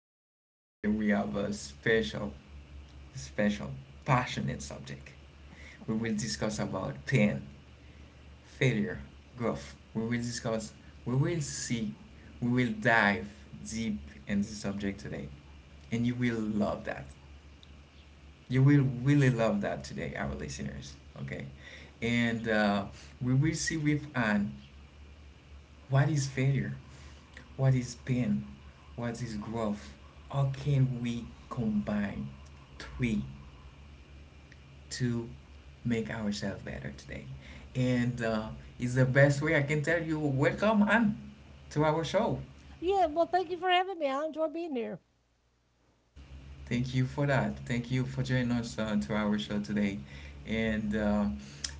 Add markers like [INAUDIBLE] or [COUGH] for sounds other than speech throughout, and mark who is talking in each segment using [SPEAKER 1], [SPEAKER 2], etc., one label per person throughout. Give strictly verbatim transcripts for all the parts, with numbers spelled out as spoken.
[SPEAKER 1] uh, today we have a special, special, passionate subject. We will discuss about pain, failure, growth. We will discuss, we will see, we will dive deep in this subject today, and you will love that. You will really love that today, our listeners. Okay, and uh, we will see with Anne. What is failure? What is pain? What is growth? How can we combine three to make ourselves better today? And uh, it's the best way I can tell you. Welcome on to our show.
[SPEAKER 2] Yeah, well, thank you for having me. I enjoy being here.
[SPEAKER 1] Thank you for that. Thank you for joining us uh, to our show today. And uh,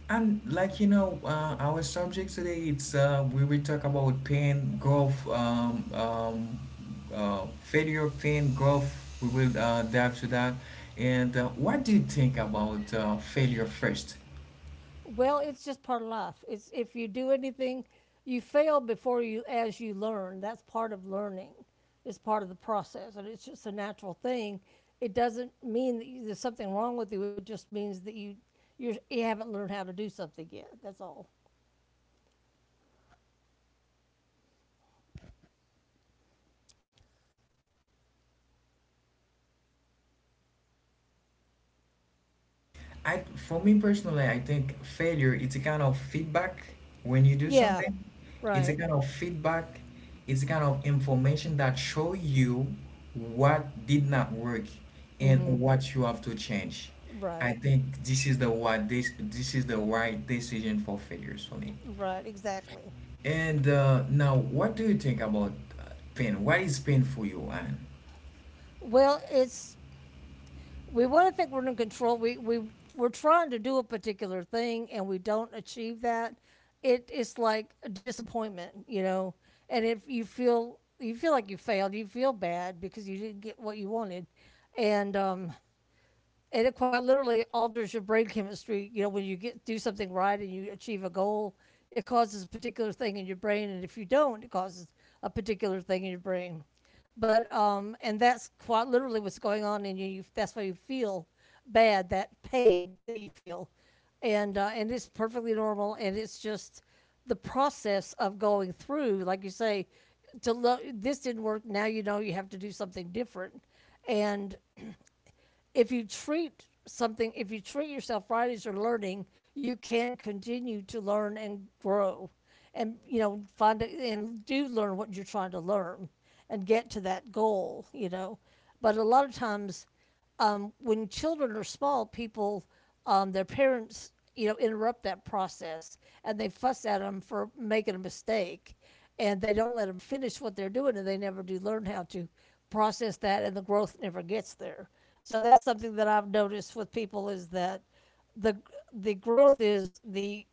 [SPEAKER 1] and like you know, uh, our subject today it's uh, we will talk about pain, growth, um, um, uh, failure, pain, growth. We will uh, dive to that. And uh, what do you think about uh, failure first?
[SPEAKER 2] Well, it's just part of life. It's if you do anything, you fail before you as you learn. That's part of learning. It's part of the process, and it's just a natural thing. It doesn't mean that you, there's something wrong with you. It just means that you you're, you haven't learned how to do something yet. That's all.
[SPEAKER 1] I for me personally, I think failure it's a kind of feedback when you do
[SPEAKER 2] Yeah.
[SPEAKER 1] something. It's a
[SPEAKER 2] Right.
[SPEAKER 1] kind of feedback. It's a kind of information that show you what did not work and
[SPEAKER 2] Mm.
[SPEAKER 1] what you have to change.
[SPEAKER 2] Right.
[SPEAKER 1] I think this is the what this this is the right decision for failures for me.
[SPEAKER 2] Right. Exactly.
[SPEAKER 1] And uh, now, what do you think about uh, pain? What is pain for you, Anne?
[SPEAKER 2] Well, it's we want to think we're in control. We we we're trying to do a particular thing and we don't achieve that. It it's like a disappointment, you know. And if you feel you feel like you failed, you feel bad because you didn't get what you wanted, and um, and it quite literally alters your brain chemistry. You know, when you get do something right and you achieve a goal, it causes a particular thing in your brain, and if you don't, it causes a particular thing in your brain. But um, And that's quite literally what's going on in you. you That's why you feel bad, that pain that you feel, and uh, and it's perfectly normal, and it's just the process of going through, like you say, to lo- this didn't work. Now you know you have to do something different, and if you treat something, if you treat yourself right as you're learning, you can continue to learn and grow, and you know find it and do learn what you're trying to learn, and get to that goal. You know, but a lot of times, um, when children are small, people, um, their parents, you know, interrupt that process and they fuss at them for making a mistake, and they don't let them finish what they're doing and they never do learn how to process that and the growth never gets there. So that's something that I've noticed with people is that the the growth is the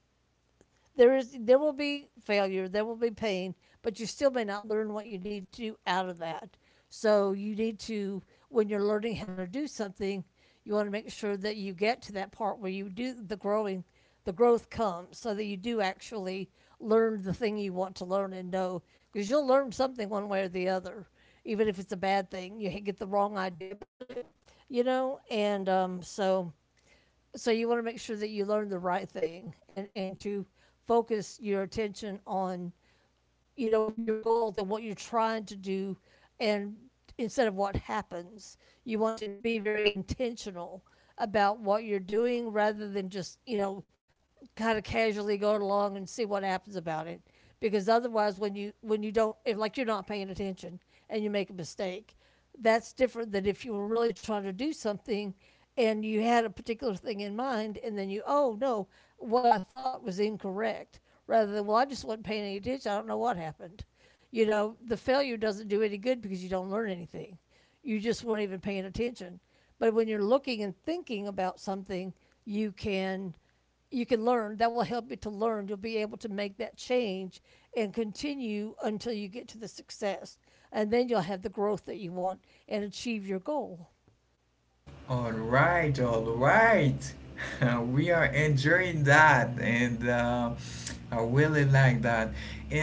[SPEAKER 2] there is there will be failure, there will be pain, but you still may not learn what you need to do out of that. So you need to, when you're learning how to do something, you want to make sure that you get to that part where you do the growing, the growth comes so that you do actually learn the thing you want to learn and know because you'll learn something one way or the other, even if it's a bad thing you get the wrong idea about it, you know and um, so so you want to make sure that you learn the right thing, and, and to focus your attention on, you know, your goals and what you're trying to do and instead of what happens. You want to be very intentional about what you're doing rather than just, you know, kind of casually going along and see what happens about it, because otherwise when you when you don't, if like you're not paying attention and you make a mistake, that's different than if you were really trying to do something and you had a particular thing in mind and then you, oh no, what I thought was incorrect, rather than, well, I just wasn't paying any attention. I don't know what happened. You know, the failure doesn't do any good because you don't learn anything. You just weren't even paying attention. But when you're looking and thinking about something, you can you can learn. That will help you to learn. You'll be able to make that change and continue until you get to the success. And then you'll have the growth that you want and achieve your goal.
[SPEAKER 1] All right, all right. [LAUGHS] We are enjoying that, and uh, I really like that.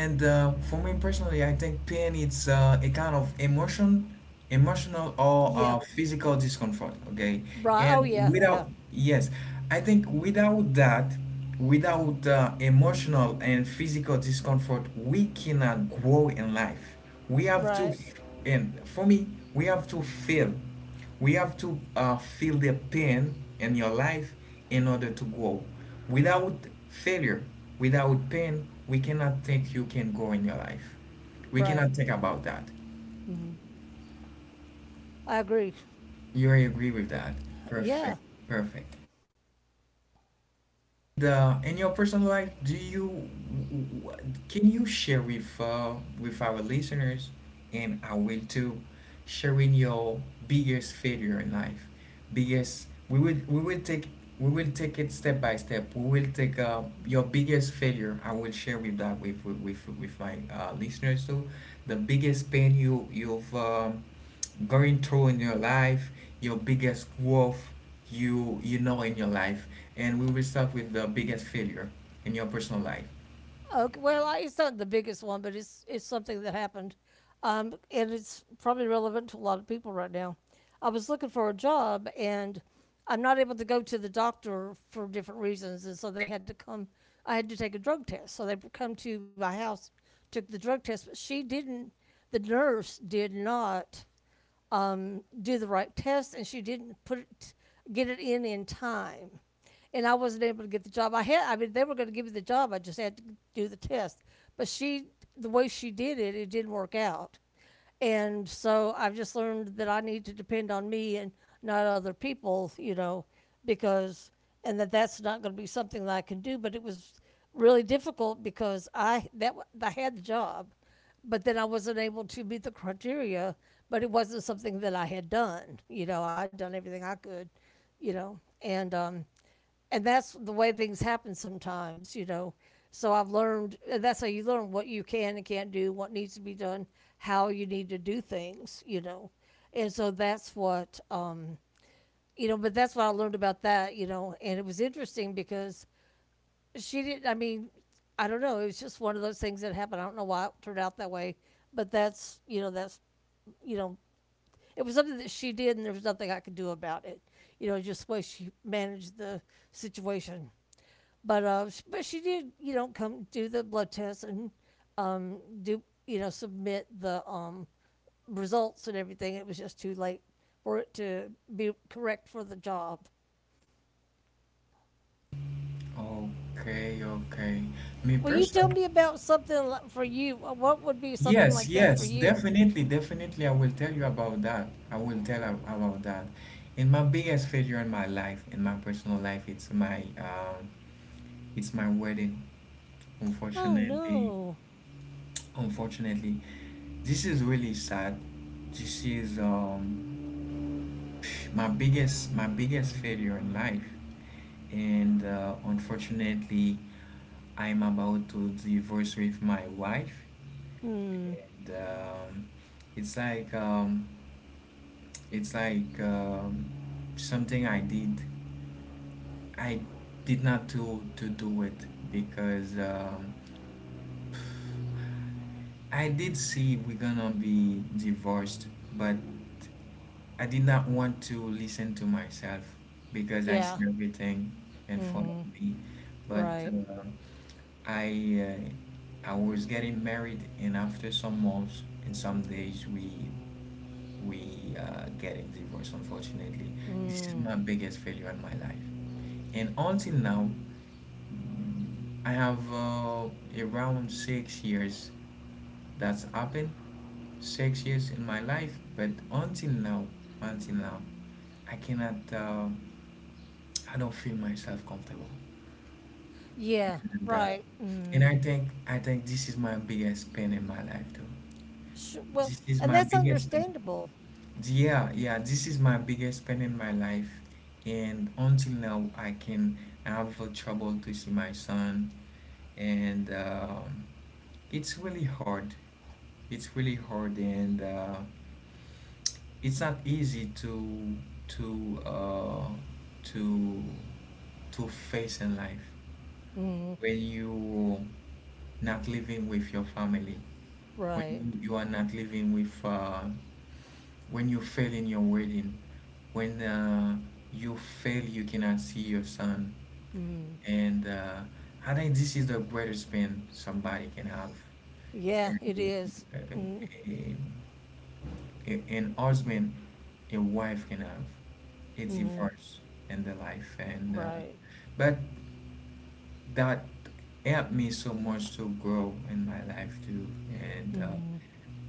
[SPEAKER 1] And uh, for me personally, I think pain it's uh, a kind of emotion, emotional or
[SPEAKER 2] Yeah.
[SPEAKER 1] uh, physical discomfort. Okay,
[SPEAKER 2] Right. Oh,
[SPEAKER 1] and
[SPEAKER 2] yeah. Yeah.
[SPEAKER 1] without yes, I think without that, without uh, emotional and physical discomfort, we cannot grow in life. We have to,
[SPEAKER 2] Right.
[SPEAKER 1] and for me, we have to feel. We have to uh, feel the pain in your life in order to grow. Without failure, without pain, we cannot think you can grow in your life. We
[SPEAKER 2] Right.
[SPEAKER 1] cannot think about that.
[SPEAKER 2] Hmm. I agree.
[SPEAKER 1] You agree with that?
[SPEAKER 2] Yeah.
[SPEAKER 1] Perfect, perfect. The in your personal life, do you can you share with uh, with our listeners, and I will too, sharing your biggest failure in life, biggest. We will we will take we will take it step by step. We will take uh, your biggest failure. I will share with that with with with, with my uh, listeners too, the biggest pain you you've. um going through in your life, your biggest growth you you know in your life, and we will start with the biggest failure in your personal life.
[SPEAKER 2] Okay, well, it's not the biggest one, but it's it's something that happened, um, and it's probably relevant to a lot of people right now. I was looking for a job, and I'm not able to go to the doctor for different reasons, and so they had to come. I had to take a drug test, so they come to my house, took the drug test, but she didn't. The nurse did not um, do the right test, and she didn't put it, get it in in time. And I wasn't able to get the job. I had, I mean, they were going to give me the job. I just had to do the test. But she, the way she did it, it didn't work out. And so I've just learned that I need to depend on me and not other people, you know, because, and that that's not going to be something that I can do. But it was really difficult because I that I had the job, but then I wasn't able to meet the criteria. But it wasn't something that I had done. You know, I'd done everything I could. You know, and um, and that's the way things happen sometimes. You know, so I've learned. And that's how you learn what you can and can't do, what needs to be done, how you need to do things. You know, and so that's what um, you know. But that's what I learned about that. You know, and it was interesting because she didn't. I mean, I don't know. It was just one of those things that happened. I don't know why it turned out that way, but that's you know that's you know it was something that she did, and there was nothing I could do about it. You know, just the way she managed the situation. But uh, sh- but she did you know come do the blood test and um, do you know submit the um, results and everything. It was just too late for it to be correct for the job.
[SPEAKER 1] Okay, okay. Me
[SPEAKER 2] Will you tell
[SPEAKER 1] personally,
[SPEAKER 2] me about something for you? What would be something
[SPEAKER 1] yes,
[SPEAKER 2] like that for
[SPEAKER 1] yes,
[SPEAKER 2] you?
[SPEAKER 1] definitely, definitely. I will tell you about that. I will tell ab- about that. And my biggest failure in my life, in my personal life, it's my um, it's my wedding.
[SPEAKER 2] Oh
[SPEAKER 1] Unfortunately.
[SPEAKER 2] no.
[SPEAKER 1] Unfortunately, this is really sad. This is um, my biggest my biggest failure in life, and uh, unfortunately, I'm about to divorce with my wife.
[SPEAKER 2] Hmm.
[SPEAKER 1] And, um, it's like um, it's like um, something I did. I did not to to do it because. Um, I did see we're gonna be divorced, but I did not want to listen to myself because I
[SPEAKER 2] Yeah.
[SPEAKER 1] see everything in front
[SPEAKER 2] Hmm.
[SPEAKER 1] of me. But
[SPEAKER 2] Right.
[SPEAKER 1] uh, I uh, I was getting married, and after some months and some days, we we uh, getting divorced. Unfortunately, this is
[SPEAKER 2] Hmm.
[SPEAKER 1] my biggest failure in my life, and until now. I have uh, around six years that's happened, six years in my life, but until now, until now, I cannot, um, I don't feel myself comfortable.
[SPEAKER 2] Yeah.
[SPEAKER 1] And, uh,
[SPEAKER 2] Right. Hmm.
[SPEAKER 1] and I think, I think this is my biggest pain in my life too.
[SPEAKER 2] Sh Well,
[SPEAKER 1] This is
[SPEAKER 2] and
[SPEAKER 1] my
[SPEAKER 2] that's
[SPEAKER 1] biggest pain.
[SPEAKER 2] understandable.
[SPEAKER 1] Yeah, yeah, this is my biggest pain in my life. And until now, I can I have uh, trouble to see my son. And um, it's really hard. It's really hard, and uh, it's not easy to to uh, to to face in life
[SPEAKER 2] Hmm.
[SPEAKER 1] when you not living with your family, when
[SPEAKER 2] Right.
[SPEAKER 1] you, you are not living with, uh, when you fail in your wedding, when uh, you fail, you cannot see your son.
[SPEAKER 2] Hmm.
[SPEAKER 1] And uh, I think this is the greatest pain somebody can have.
[SPEAKER 2] Yeah,
[SPEAKER 1] And,
[SPEAKER 2] it is.
[SPEAKER 1] uh,
[SPEAKER 2] Hmm.
[SPEAKER 1] um, a, an husband a wife can have a
[SPEAKER 2] Hmm.
[SPEAKER 1] divorce in the life and uh,
[SPEAKER 2] Right.
[SPEAKER 1] but that helped me so much to grow in my life too and uh,
[SPEAKER 2] Hmm.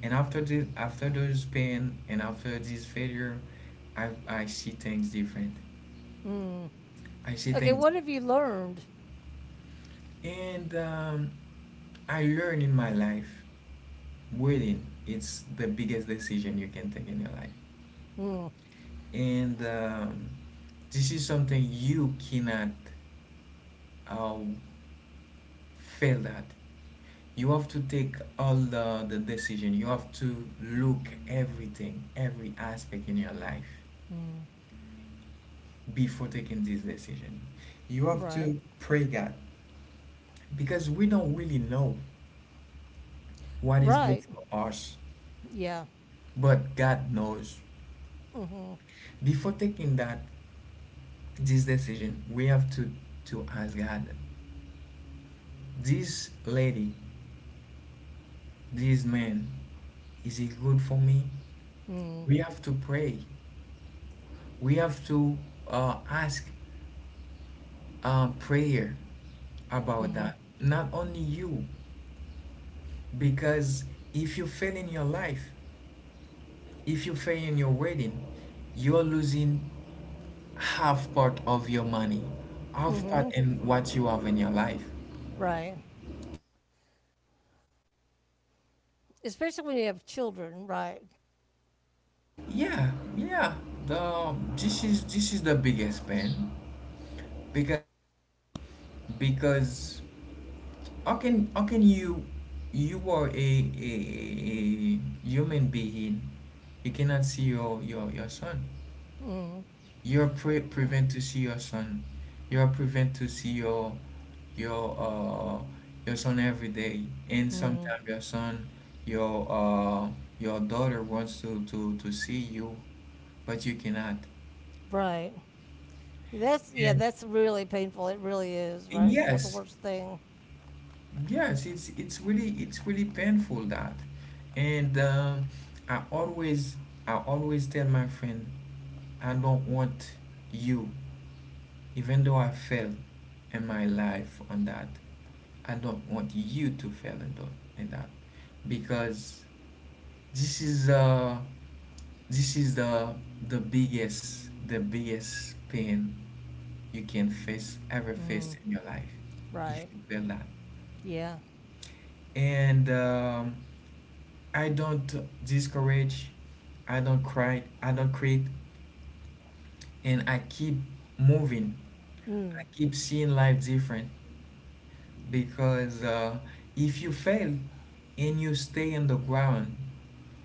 [SPEAKER 1] and after this after those pain and after this failure I, I see things different
[SPEAKER 2] Hmm.
[SPEAKER 1] I see
[SPEAKER 2] Okay.
[SPEAKER 1] things
[SPEAKER 2] What have you learned?
[SPEAKER 1] and um, I learn in my life waiting it's the biggest decision you can take in your life
[SPEAKER 2] Hmm.
[SPEAKER 1] and um, this is something you cannot uh, fail at. You have to take all the, the decision. You have to look everything every aspect in your life
[SPEAKER 2] Hmm.
[SPEAKER 1] before taking this decision. You have
[SPEAKER 2] Right.
[SPEAKER 1] to pray god because we don't really know what is good
[SPEAKER 2] Right.
[SPEAKER 1] for us
[SPEAKER 2] Yeah.
[SPEAKER 1] but god knows.
[SPEAKER 2] Hmm.
[SPEAKER 1] Before taking that this decision we have to to ask god, this lady, this man, is it good for me?
[SPEAKER 2] Hmm.
[SPEAKER 1] We have to pray. We have to uh, ask uh, prayer about
[SPEAKER 2] Hmm.
[SPEAKER 1] that. Not only you, because if you fail in your life, if you fail in your wedding, you're losing half part of your money, half
[SPEAKER 2] Hmm.
[SPEAKER 1] part in what you have in your life.
[SPEAKER 2] Right. Especially when you have children, right?
[SPEAKER 1] Yeah, yeah. The this is this is the biggest pain because because how can how can you you are a, a, a human being you cannot see your your, your son,
[SPEAKER 2] Mm.
[SPEAKER 1] you're pre- prevent to see your son, you're prevent to see your your uh your son every day and
[SPEAKER 2] Hmm.
[SPEAKER 1] sometimes your son your uh your daughter wants to to to see you but you cannot.
[SPEAKER 2] Right. That's yeah.
[SPEAKER 1] And,
[SPEAKER 2] That's really painful. It really is.
[SPEAKER 1] and
[SPEAKER 2] Right. What the
[SPEAKER 1] yes.
[SPEAKER 2] worst thing.
[SPEAKER 1] Yes, it's it's really it's really painful that, and um, I always I always tell my friend I don't want you, even though I failed in my life on that. I don't want you to fail in that, in that because this is uh this is the the biggest the biggest pain you can face ever face
[SPEAKER 2] Mm.
[SPEAKER 1] in your life if
[SPEAKER 2] Right.
[SPEAKER 1] you fail that.
[SPEAKER 2] Yeah.
[SPEAKER 1] And. Um, I don't discourage, I don't cry, I don't quit, and I keep moving. I
[SPEAKER 2] Mm.
[SPEAKER 1] keep seeing life different because uh, if you fail and you stay on the ground,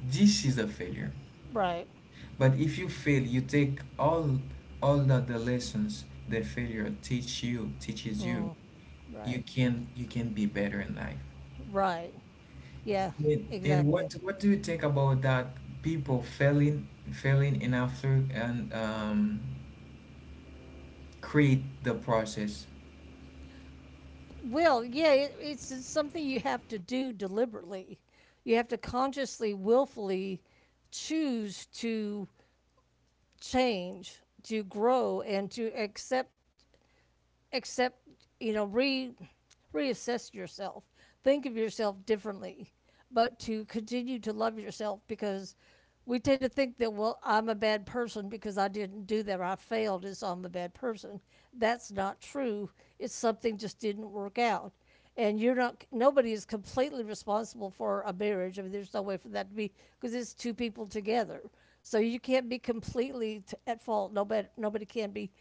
[SPEAKER 1] this is a failure.
[SPEAKER 2] Right.
[SPEAKER 1] But if you fail, you take all all of the lessons the failure teach you teaches you.
[SPEAKER 2] Mm. Right.
[SPEAKER 1] You can you can be better in life.
[SPEAKER 2] Right. Yeah.
[SPEAKER 1] And and
[SPEAKER 2] Exactly.
[SPEAKER 1] what what do you think about that people failing failing and after and um create the process?
[SPEAKER 2] Well, yeah. It, it's, it's something you have to do deliberately. You have to consciously, willfully choose to change, to grow, and to accept accept, you know, re reassess yourself. Think of yourself differently, but to continue to love yourself because we tend to think that well, I'm a bad person because I didn't do that or I failed is I'm a bad person. That's not true. It's something just didn't work out. And you're not. Nobody is completely responsible for a marriage. I mean, there's no way for that to be because it's two people together. So you can't be completely t- at fault. Nobody, nobody can be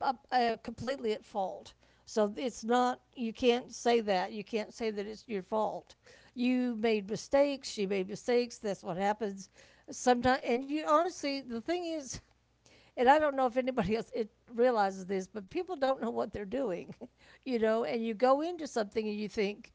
[SPEAKER 2] up- uh, completely at fault. So it's not, you can't say that. You can't say that it's your fault. You made mistakes. She made mistakes. That's what happens sometimes. And you honestly, the thing is, and I don't know if anybody [LAUGHS] else it realizes this, but people don't know what they're doing, [LAUGHS] you know. And you go into something and you think,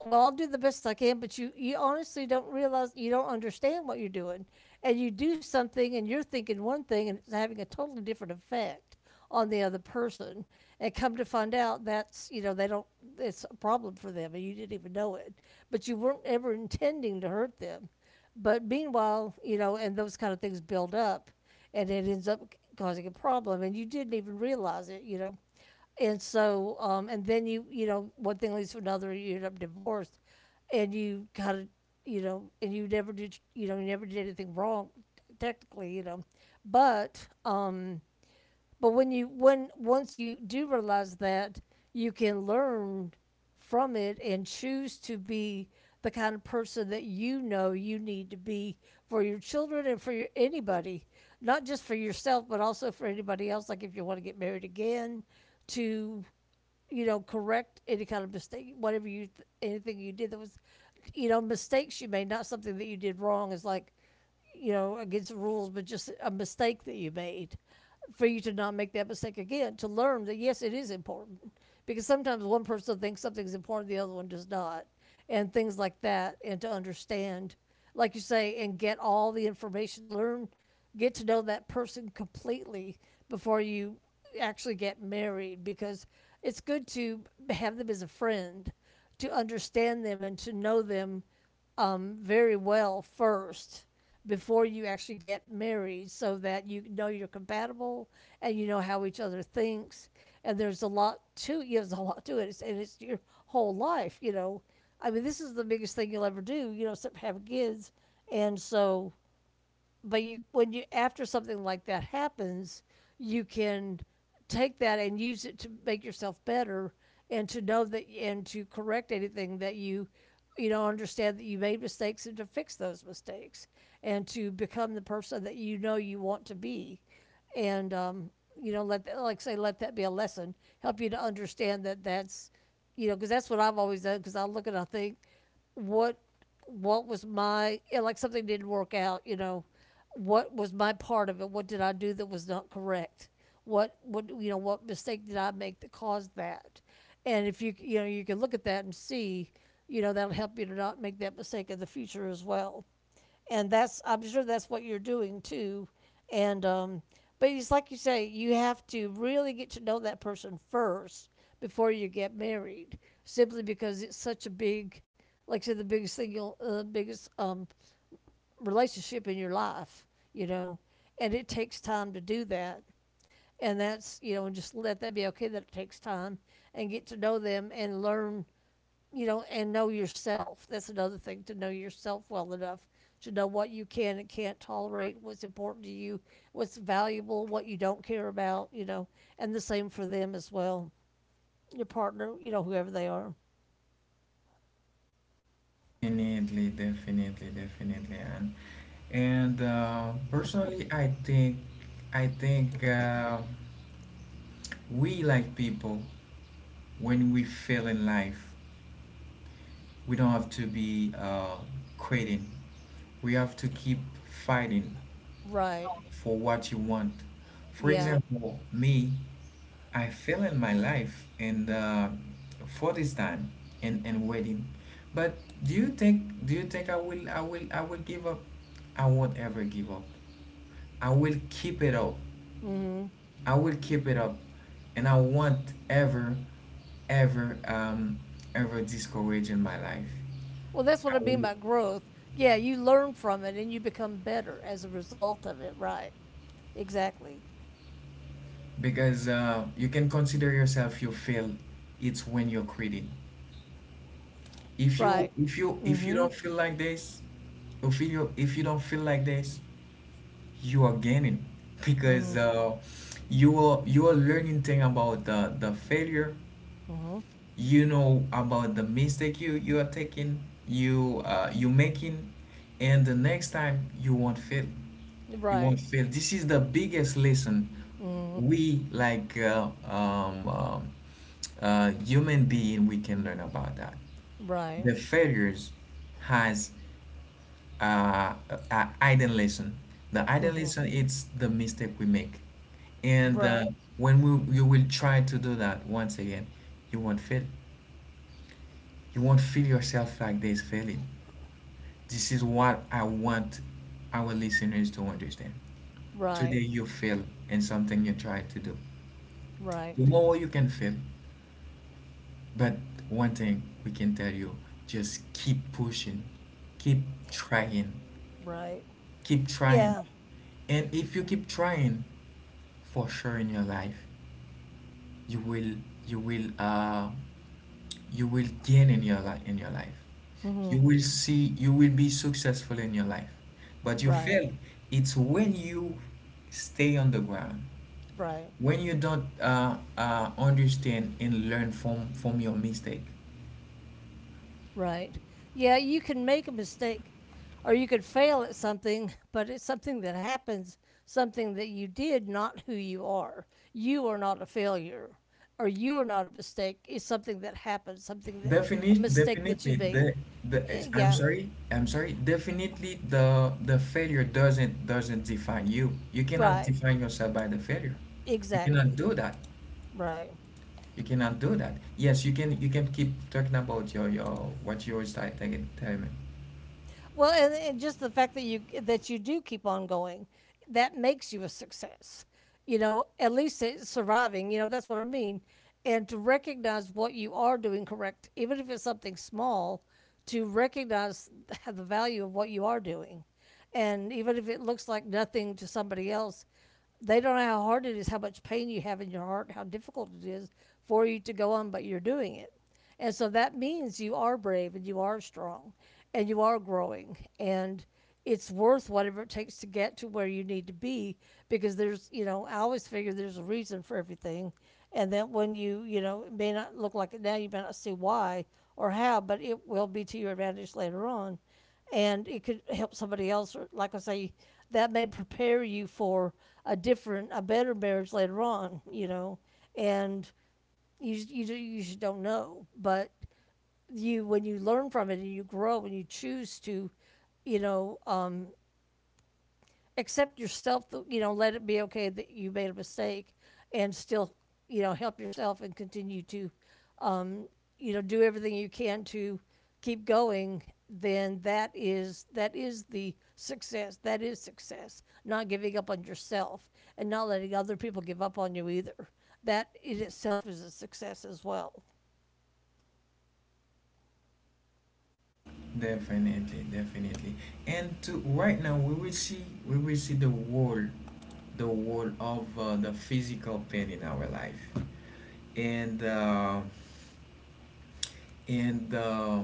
[SPEAKER 2] well, I'll do the best I can, but you, you honestly don't realize, you don't understand what you're doing. And you do something and you're thinking one thing and it's having a totally different effect on the other person. And come to find out that's, you know, they don't, it's a problem for them and you didn't even know it. But you weren't ever intending to hurt them. But meanwhile, you know, and those kind of things build up and it ends up causing a problem and you didn't even realize it, you know and so um, and then you you know one thing leads to another, you end up divorced and you kind of, you know, and you never did you know you never did anything wrong technically you know, but um but when you when once you do realize that, you can learn from it and choose to be the kind of person that you know you need to be for your children and for your, anybody, not just for yourself, but also for anybody else. Like if you want to get married again, to you know correct any kind of mistake, whatever you anything you did that was, you know, mistakes you made, not something that you did wrong. Is like you know, against the rules, but just a mistake that you made. For you to not make that mistake again, to learn that yes, it is important. Because sometimes one person thinks something's important, the other one does not. And things like that, and to understand, like you say, and get all the information, learn, get to know that person completely before you actually get married. Because it's good to have them as a friend, to understand them, and to know them um, very well first before you actually get married so that you know you're compatible and you know how each other thinks and there's a lot to you there's a lot to it it's, and it's your whole life. You know, I mean this is the biggest thing you'll ever do, you know, except have kids. And so but you when you, after something like that happens, you can take that and use it to make yourself better and to know that, and to correct anything that you you know, understand that you made mistakes, and to fix those mistakes and to become the person that you know you want to be. And um, you know, let that, like say, let that be a lesson, help you to understand that that's you know, because that's what I've always done, because I look and I think, what what was my yeah, like something didn't work out, you know, what was my part of it, what did I do that was not correct, what what you know what mistake did I make that caused that. And if you, you know, you can look at that and see, you know, that'll help you to not make that mistake in the future as well. And that's, I'm sure that's what you're doing too. And um, but it's like you say, you have to really get to know that person first before you get married, simply because it's such a big, like I said, the biggest thing, you'll, uh, biggest um, relationship in your life, you know, and it takes time to do that. And that's, you know, and just let that be okay that it takes time, and get to know them and learn, you know, and know yourself. That's another thing, to know yourself well enough to know what you can and can't tolerate, what's important to you, what's valuable, what you don't care about, you know, and the same for them as well. Your partner, you know, whoever they are.
[SPEAKER 1] Definitely, definitely, definitely, and and uh, personally, I think I think uh, we like people when we fail in life, we don't have to be uh, quitting. We have to keep fighting
[SPEAKER 2] Right.
[SPEAKER 1] for what you want. For
[SPEAKER 2] Yeah.
[SPEAKER 1] example, me, I fail in my life and uh, for this time and, and wedding. But do you think do you think I will I will I will give up? I won't ever give up. I will keep it up.
[SPEAKER 2] Hmm.
[SPEAKER 1] I will keep it up and I won't ever ever um ever discourage in my life.
[SPEAKER 2] Well, that's what
[SPEAKER 1] I
[SPEAKER 2] I mean
[SPEAKER 1] will,
[SPEAKER 2] by growth. Yeah, you learn from it and you become better as a result of it. Right. Exactly.
[SPEAKER 1] because uh, you can consider yourself you fail it's when you're quitting. If
[SPEAKER 2] Right.
[SPEAKER 1] you if you if you
[SPEAKER 2] Hmm.
[SPEAKER 1] don't feel like this, if you if you don't feel like this, you are gaining because
[SPEAKER 2] Hmm.
[SPEAKER 1] uh, you are you are learning thing about the the failure
[SPEAKER 2] Hmm.
[SPEAKER 1] you know about the mistake you you are taking you uh, you making, and the next time you won't fail, you won't
[SPEAKER 2] Right.
[SPEAKER 1] fail. This is the biggest lesson
[SPEAKER 2] Hmm.
[SPEAKER 1] we like uh, um, um, uh, human being we can learn about that.
[SPEAKER 2] Right.
[SPEAKER 1] The failures has uh, uh, hidden lesson. The hidden lesson is the mistake we make, and uh,
[SPEAKER 2] Right.
[SPEAKER 1] when we, you will try to do that once again, you won't fail. You won't feel yourself like this failing. This is what I want our listeners to understand.
[SPEAKER 2] Right.
[SPEAKER 1] Today you fail in something you try to do.
[SPEAKER 2] Right.
[SPEAKER 1] Tomorrow you can fail, but one thing we can tell you: just keep pushing, keep trying,
[SPEAKER 2] Right.
[SPEAKER 1] keep trying.
[SPEAKER 2] Yeah.
[SPEAKER 1] And if you keep trying for sure in your life you will you will uh you will gain in your life in your life,
[SPEAKER 2] Hmm.
[SPEAKER 1] you will see you will be successful in your life, but you
[SPEAKER 2] Right.
[SPEAKER 1] fail it's when you stay on the ground,
[SPEAKER 2] Right.
[SPEAKER 1] when you don't uh, uh, understand and learn from from your mistake.
[SPEAKER 2] Right. Yeah, you can make a mistake or you could fail at something, but it's something that happens, something that you did, not who you are. You are not a failure or you are not a mistake. It's something that happened, something that, a
[SPEAKER 1] Definite,
[SPEAKER 2] mistake that you
[SPEAKER 1] definitely.
[SPEAKER 2] made.
[SPEAKER 1] The the
[SPEAKER 2] Eh,
[SPEAKER 1] it's- I'm
[SPEAKER 2] yeah.
[SPEAKER 1] sorry, I'm sorry. Definitely, the the failure doesn't doesn't define you. You cannot
[SPEAKER 2] Right.
[SPEAKER 1] define yourself by the failure. You cannot
[SPEAKER 2] Exactly.
[SPEAKER 1] do that.
[SPEAKER 2] Right.
[SPEAKER 1] You cannot do that. Yes, you can. You can keep talking about your your what you always start telling telling me.
[SPEAKER 2] Well, and, and just the fact that you that you do keep on going, that makes you a success. You know, at least it's surviving. You know, that's what I mean. And to recognize what you are doing correct, even if it's something small, to recognize [LAUGHS] the value of what you are doing, and even if it looks like nothing to somebody else, they don't know how hard it is, how much pain you have in your heart, how difficult it is for you to go on, but you're doing it. And so that means you are brave and you are strong and you are growing, and it's worth whatever it takes to get to where you need to be because there's, you know, I always figure there's a reason for everything. And that when you, you know, it may not look like it now, you may not see why or how, but it will be to your advantage later on and it could help somebody else. Or, like I say, that may prepare you for a different, a better marriage later on. You know, and you you you just don't know. But you, when you learn from it and you grow and you choose to, you know, um, accept yourself, you know, let it be okay that you made a mistake and still, you know, help yourself and continue to, um, you know, do everything you can to keep going, then that is that is the success. That is success. Not giving up on yourself and not letting other people give up on you either. That in itself is a success as well.
[SPEAKER 1] Definitely, definitely. And to right now, we will see we will see the wall, the wall of uh, the physical pain in our life, and. Uh, and uh,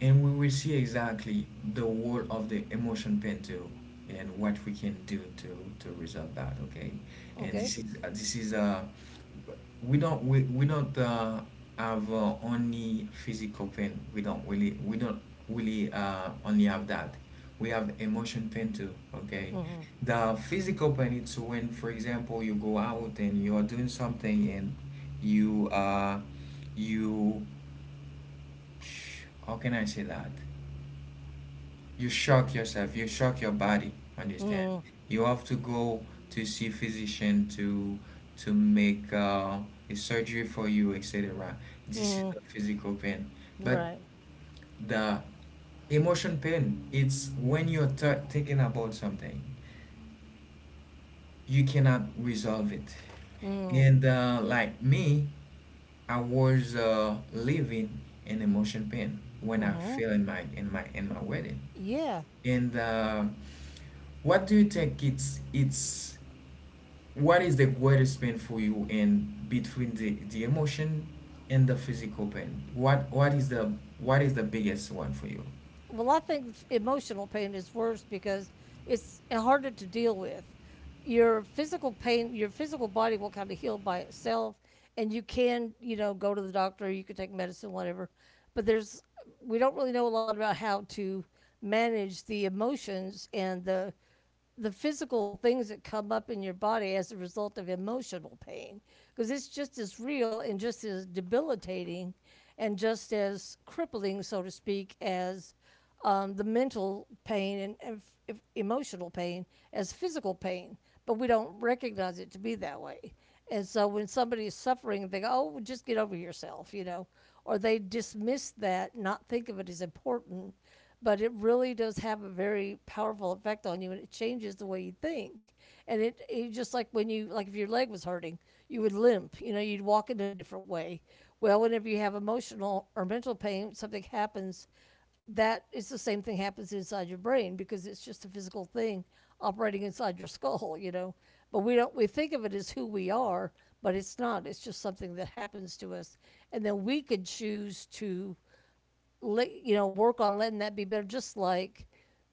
[SPEAKER 1] and we will see exactly the role of the emotion pain too and what we can do to to resolve that, okay? And
[SPEAKER 2] Okay?
[SPEAKER 1] this is uh, this is uh we don't we, we don't uh, have uh, only physical pain. We don't really we don't really uh, only have that. We have emotion pain too, okay?
[SPEAKER 2] Mm-hmm.
[SPEAKER 1] The physical pain, it's when, for example, you go out and you're doing something, and you uh you, how can I say that? You shock yourself, you shock your body, understand?
[SPEAKER 2] Mm-hmm.
[SPEAKER 1] You have to go to see physician to to make uh, a surgery for you, et cetera. This is
[SPEAKER 2] Mm-hmm.
[SPEAKER 1] the physical pain. But
[SPEAKER 2] Right.
[SPEAKER 1] the emotion pain, it's when you're t- thinking about something, you cannot resolve it.
[SPEAKER 2] Mm-hmm.
[SPEAKER 1] And uh, like me, I was uh, living in emotion pain when I
[SPEAKER 2] Mm-hmm.
[SPEAKER 1] fell in my in my in my wedding.
[SPEAKER 2] Yeah.
[SPEAKER 1] And uh, what do you think it's it's what is the greatest pain for you and between the, the emotion and the physical pain? What what is the what is the biggest one for you?
[SPEAKER 2] Well, I think emotional pain is worse because it's uh, harder to deal with. Your physical pain, your physical body will kind of heal by itself, and you can, you know, go to the doctor, you can take medicine, whatever. But there's, we don't really know a lot about how to manage the emotions and the the physical things that come up in your body as a result of emotional pain, because it's just as real and just as debilitating and just as crippling, so to speak, as um, the mental pain, and, and f- emotional pain, as physical pain, but we don't recognize it to be that way. And so when somebody is suffering they go, oh well, just get over yourself, you know, or they dismiss that, not think of it as important, but it really does have a very powerful effect on you and it changes the way you think. And it, it just like when you, like if your leg was hurting, you would limp, you know, you'd walk in a different way. Well, whenever you have emotional or mental pain, something happens, that it's the same thing happens inside your brain, because it's just a physical thing operating inside your [LAUGHS] skull, you know. But we don't, we think of it as who we are, but it's not, it's just something that happens to us. And then we could choose to let, you know, work on letting that be better. Just like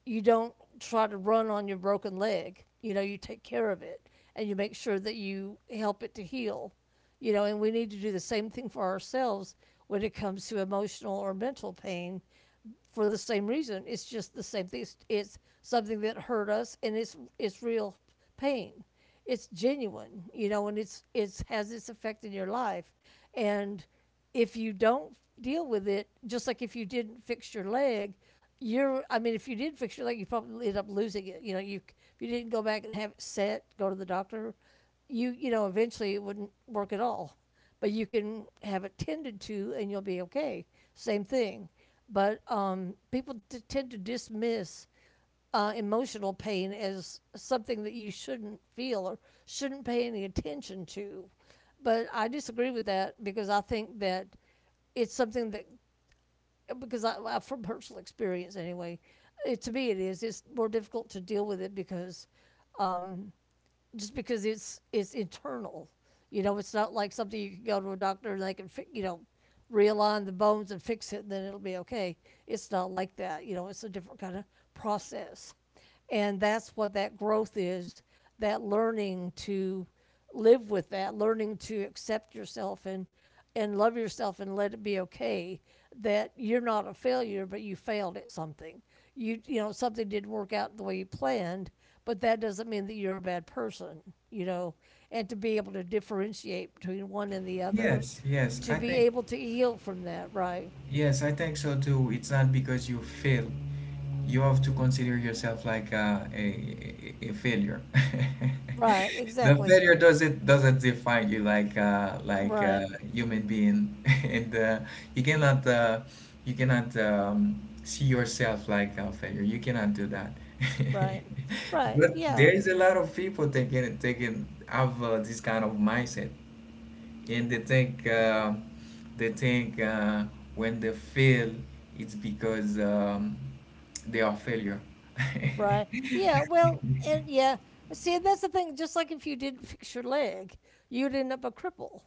[SPEAKER 2] you don't try to run on your broken leg. You know, you take care of it and you make sure that you help it to heal. You know, and we need to do the same thing for ourselves when it comes to emotional or mental pain, for the same reason. It's just the same thing. It's, it's something that hurt us, and it's it's real pain. It's genuine, you know, and it's it's has its effect in your life, and if you don't deal with it, just like if you didn't fix your leg, you're, I mean, if you did fix your leg, you probably end up losing it. You know, you, if you didn't go back and have it set, go to the doctor, you you know, eventually it wouldn't work at all, but you can have it tended to and you'll be okay. Same thing. But um, people t- tend to dismiss uh, emotional pain as something that you shouldn't feel or shouldn't pay any attention to. But I disagree with that because I think that it's something that, because I, I, from personal experience anyway, it, to me it is, it's more difficult to deal with it because, um, just because it's it's internal. You know, it's not like something you can go to a doctor and they can fi- you know, realign the bones and fix it and then it'll be okay. It's not like that. You know, it's a different kind of process. And that's what that growth is, that learning to live with that, learning to accept yourself and and love yourself and let it be okay that you're not a failure, but you failed at something. You you know, something didn't work out the way you planned, but that doesn't mean that you're a bad person. You know, and to be able to differentiate between one and the other,
[SPEAKER 1] Yes, yes,
[SPEAKER 2] to
[SPEAKER 1] I
[SPEAKER 2] be
[SPEAKER 1] think
[SPEAKER 2] able to heal from that. Right.
[SPEAKER 1] yes, I think so too. It's not because you fail, you have to consider yourself like a, a, a a failure. [LAUGHS]
[SPEAKER 2] Right.
[SPEAKER 1] The
[SPEAKER 2] Exactly.
[SPEAKER 1] failure doesn't doesn't define you like uh, like
[SPEAKER 2] Right.
[SPEAKER 1] a human being, [LAUGHS] and uh, you cannot uh, you cannot um, see yourself like a failure. You cannot do that. [LAUGHS]
[SPEAKER 2] Right. Right.
[SPEAKER 1] But there
[SPEAKER 2] Yeah.
[SPEAKER 1] is a lot of people taking taking have uh, this kind of mindset, and they think um, they think uh, when they fail, it's because um, they are failure.
[SPEAKER 2] Right. Yeah. Well. And yeah. See, that's the thing. Just like if you didn't fix your leg, you'd end up a cripple.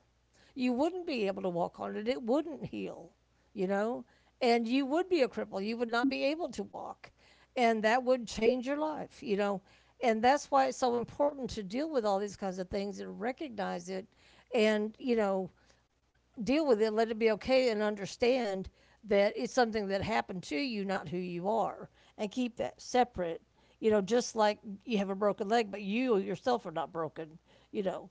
[SPEAKER 2] You wouldn't be able to walk on it. It wouldn't heal, you know, and you would be a cripple. You would not be able to walk, and that would change your life, you know. And that's why it's so important to deal with all these kinds of things and recognize it, and you know, deal with it, let it be okay, and understand that it's something that happened to you, not who you are, and keep that separate. You know, just like you have a broken leg, but you yourself are not broken, you know,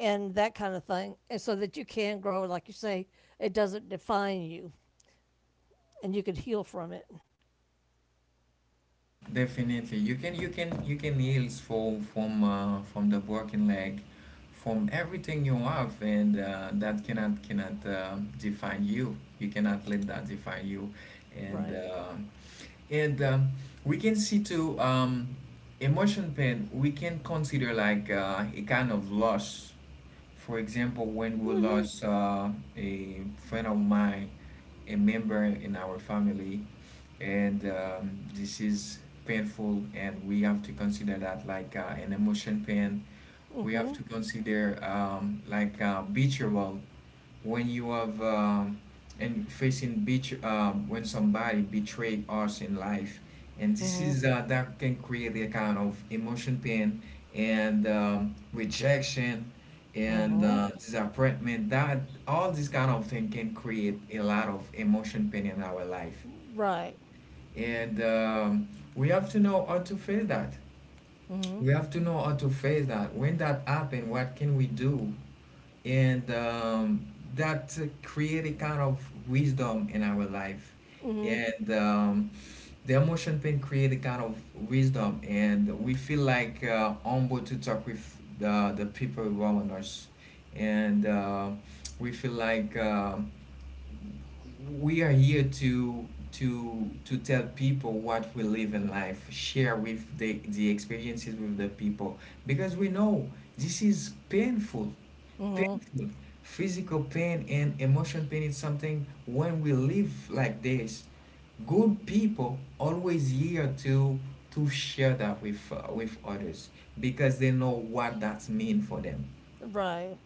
[SPEAKER 2] and that kind of thing. And so that you can grow, like you say, it doesn't define you and you can heal from it.
[SPEAKER 1] [LAUGHS] Definitely, you can you can you can heal from from uh, from the broken leg, from everything you have, and uh, that cannot cannot uh, define you. You cannot let that define you, and
[SPEAKER 2] Right.
[SPEAKER 1] uh, and um, we can see too, um, emotion pain, we can consider like uh, a kind of loss. For example, when we
[SPEAKER 2] Mm
[SPEAKER 1] lost uh, a friend of mine, a member in our family, and um, this is painful, and we have to consider that like uh, an emotion pain.
[SPEAKER 2] hmm. Mm
[SPEAKER 1] We have
[SPEAKER 2] hmm.
[SPEAKER 1] to consider um, like uh, betrayal, when you have um, and facing betr um, when somebody betray us in life, and this
[SPEAKER 2] Mm
[SPEAKER 1] is uh, that can create a kind of emotion pain, and um, rejection
[SPEAKER 2] hmm. Mm
[SPEAKER 1] and
[SPEAKER 2] hmm.
[SPEAKER 1] uh, disappointment that all this kind of thing can create a lot of emotion pain in our life,
[SPEAKER 2] Right.
[SPEAKER 1] and um, we have to know how to face that.
[SPEAKER 2] Mm
[SPEAKER 1] We have to know how to face that when that happen. What can we do? And um, that created kind of wisdom in our life,
[SPEAKER 2] hmm. Mm
[SPEAKER 1] and um, the emotion pain created kind of wisdom, and we feel like uh, humble to talk with the, the people around us, and uh, we feel like um we are here to to to tell people what we live in life, share with the the experiences with the people, because we know this is painful.
[SPEAKER 2] hmm. Mm
[SPEAKER 1] Painful. Physical pain and emotion pain is something. When we live like this, good people always here to to share that with uh, with others, because they know what that mean for them.
[SPEAKER 2] hmm. Right.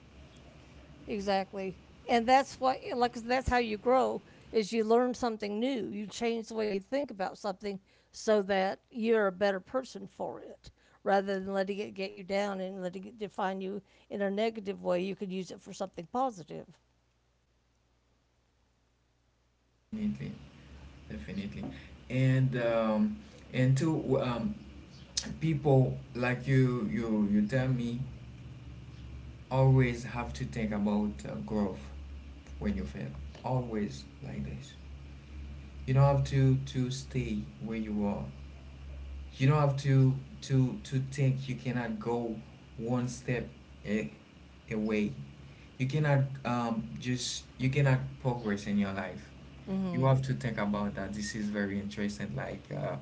[SPEAKER 2] Exactly. And that's what, like that's how you grow, is you learn something new. You change the way you think about something so that you're a better person for it rather than letting it get you down and letting it define you in a negative way. You could use it for something positive.
[SPEAKER 1] Definitely, definitely. And um and to um people like you, you you tell me always have to think about uh, growth when you fail, always like this. You don't have to to stay where you are. You don't have to to to think you cannot go one step a, away. You cannot um just you cannot progress in your life. You
[SPEAKER 2] Mhm.
[SPEAKER 1] have to think about that. This is very interesting, like uh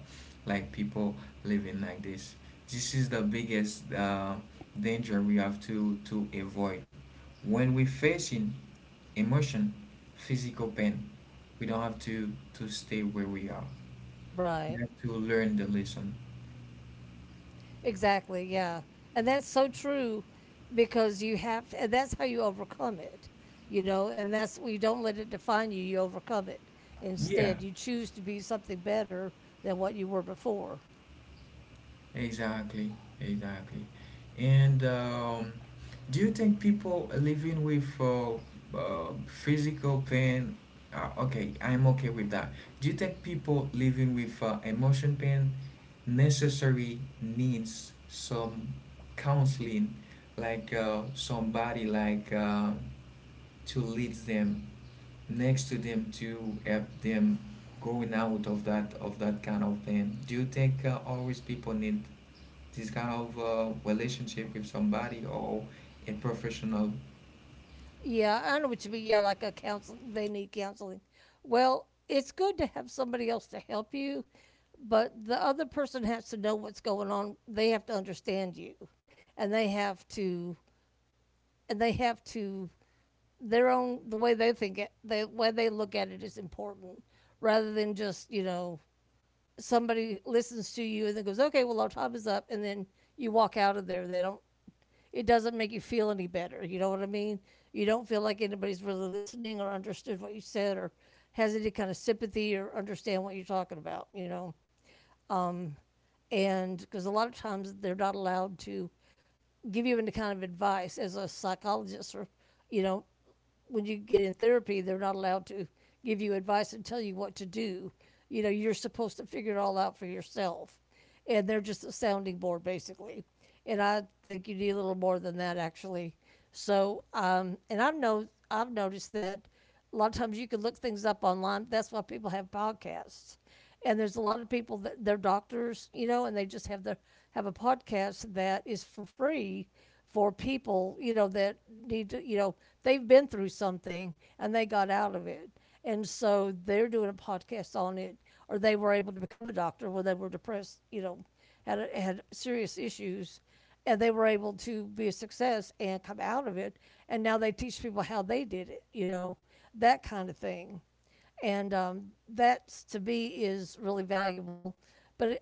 [SPEAKER 1] like people living like this. This is the biggest uh, danger we have to to avoid. When we facing emotion, physical pain, we don't have to to stay where we are. We
[SPEAKER 2] Right.
[SPEAKER 1] have to learn the lesson.
[SPEAKER 2] Exactly, yeah. And that's so true because you have and that's how you overcome it. You know, and that's well, you don't let it define you, you overcome it.
[SPEAKER 1] Yeah,
[SPEAKER 2] Instead, you choose to be something better than what you were before.
[SPEAKER 1] exactly, exactly. And um, do you think people living with uh, uh, physical pain? Uh, okay, I'm okay with that. Do you think people living with uh, emotion pain necessary needs some counseling, like uh, somebody like uh, to lead them, next to them, to help them going out of that, of that kind of pain? Do you think uh, always people need this kind of uh, relationship with somebody or a professional?
[SPEAKER 2] Yeah, I know what you mean. Yeah, like a counsel they need counseling. Well, it's good to have somebody else to help you, but the other person has to know what's going on. They have to understand you and they have to and they have to their own the way they think it, the way they look at it is important rather than just you know somebody listens to you and then goes, okay, well, our time is up, and then you walk out of there, they don't it doesn't make you feel any better. You know what I mean? You don't feel like anybody's really listening or understood what you said or has any kind of sympathy or understand what you're talking about. You know, um and because a lot of times they're not allowed to give you any kind of advice as a psychologist, or, you know, when you get in therapy, they're not allowed to give you advice and tell you what to do. You know, you're supposed to figure it all out for yourself, and they're just a sounding board basically. And I think you need a little more than that actually. So um, and I've no I've noticed that a lot of times you can look things up online. That's why people have podcasts. And there's a lot of people that they're doctors, you know, and they just have their have a podcast that is for free for people, you know, that need to, you know, they've been through something and they got out of it. And so they're doing a podcast on it, or they were able to become a doctor when they were depressed, you know, had had serious issues and they were able to be a success and come out of it. And now they teach people how they did it, you know, that kind of thing. And um, that to me is really valuable. But it,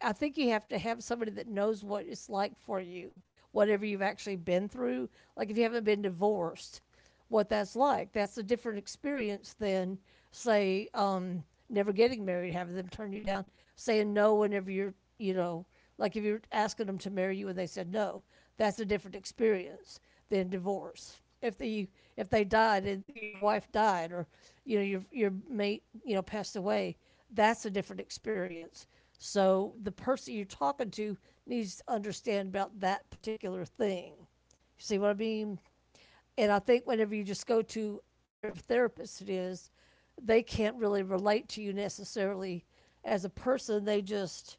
[SPEAKER 2] I think you have to have somebody that knows what it's like for you, whatever you've actually been through. Like if you haven't been divorced, what that's like. That's a different experience than, say, um, never getting married, having them turn you down, saying no whenever you're, you know, like if you're asking them to marry you and they said no, that's a different experience than divorce. If the if they died and your wife died, or you know, your your mate, you know, passed away, that's a different experience. So the person you're talking to needs to understand about that particular thing. You see what I mean? And I think whenever you just go to whatever therapist it is, they can't really relate to you necessarily as a person. They just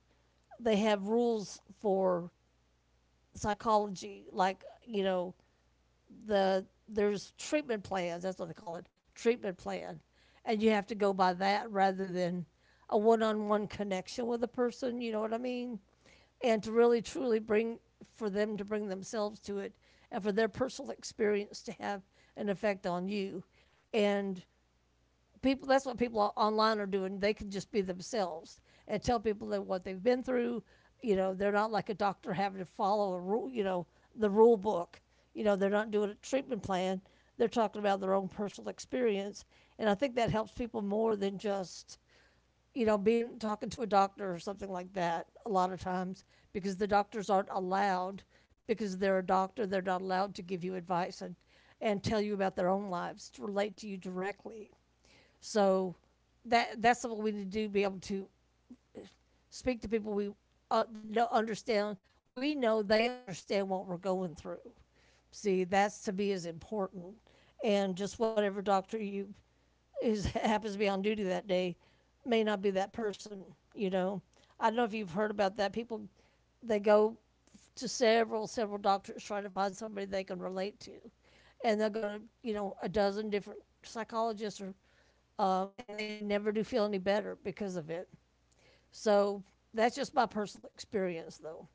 [SPEAKER 2] They have rules for psychology, like you know, the there's treatment plans. That's what they call it, treatment plan, and you have to go by that rather than a one-on-one connection with a person. You know what I mean? And to really truly bring for them to bring themselves to it, and for their personal experience to have an effect on you, and people that's what people online are doing. They can just be themselves and tell people that what they've been through. You know, they're not like a doctor having to follow a rule, you know, the rule book. You know, they're not doing a treatment plan, they're talking about their own personal experience. And I think that helps people more than just, you know being talking to a doctor or something like that a lot of times, because the doctors aren't allowed, because they're a doctor, they're not allowed to give you advice and and tell you about their own lives to relate to you directly. So that that's what we need to do, be able to speak to people we uh, that don't understand. We know they understand what we're going through. See, that's to me is important. And just whatever doctor you is [LAUGHS] happens to be on duty that day may not be that person. You know, I don't know if you've heard about that. People they go to several several doctors trying to find somebody they can relate to, and they'll go to, you know, a dozen different psychologists, or um, and they never do feel any better because of it. So that's just my personal experience, though.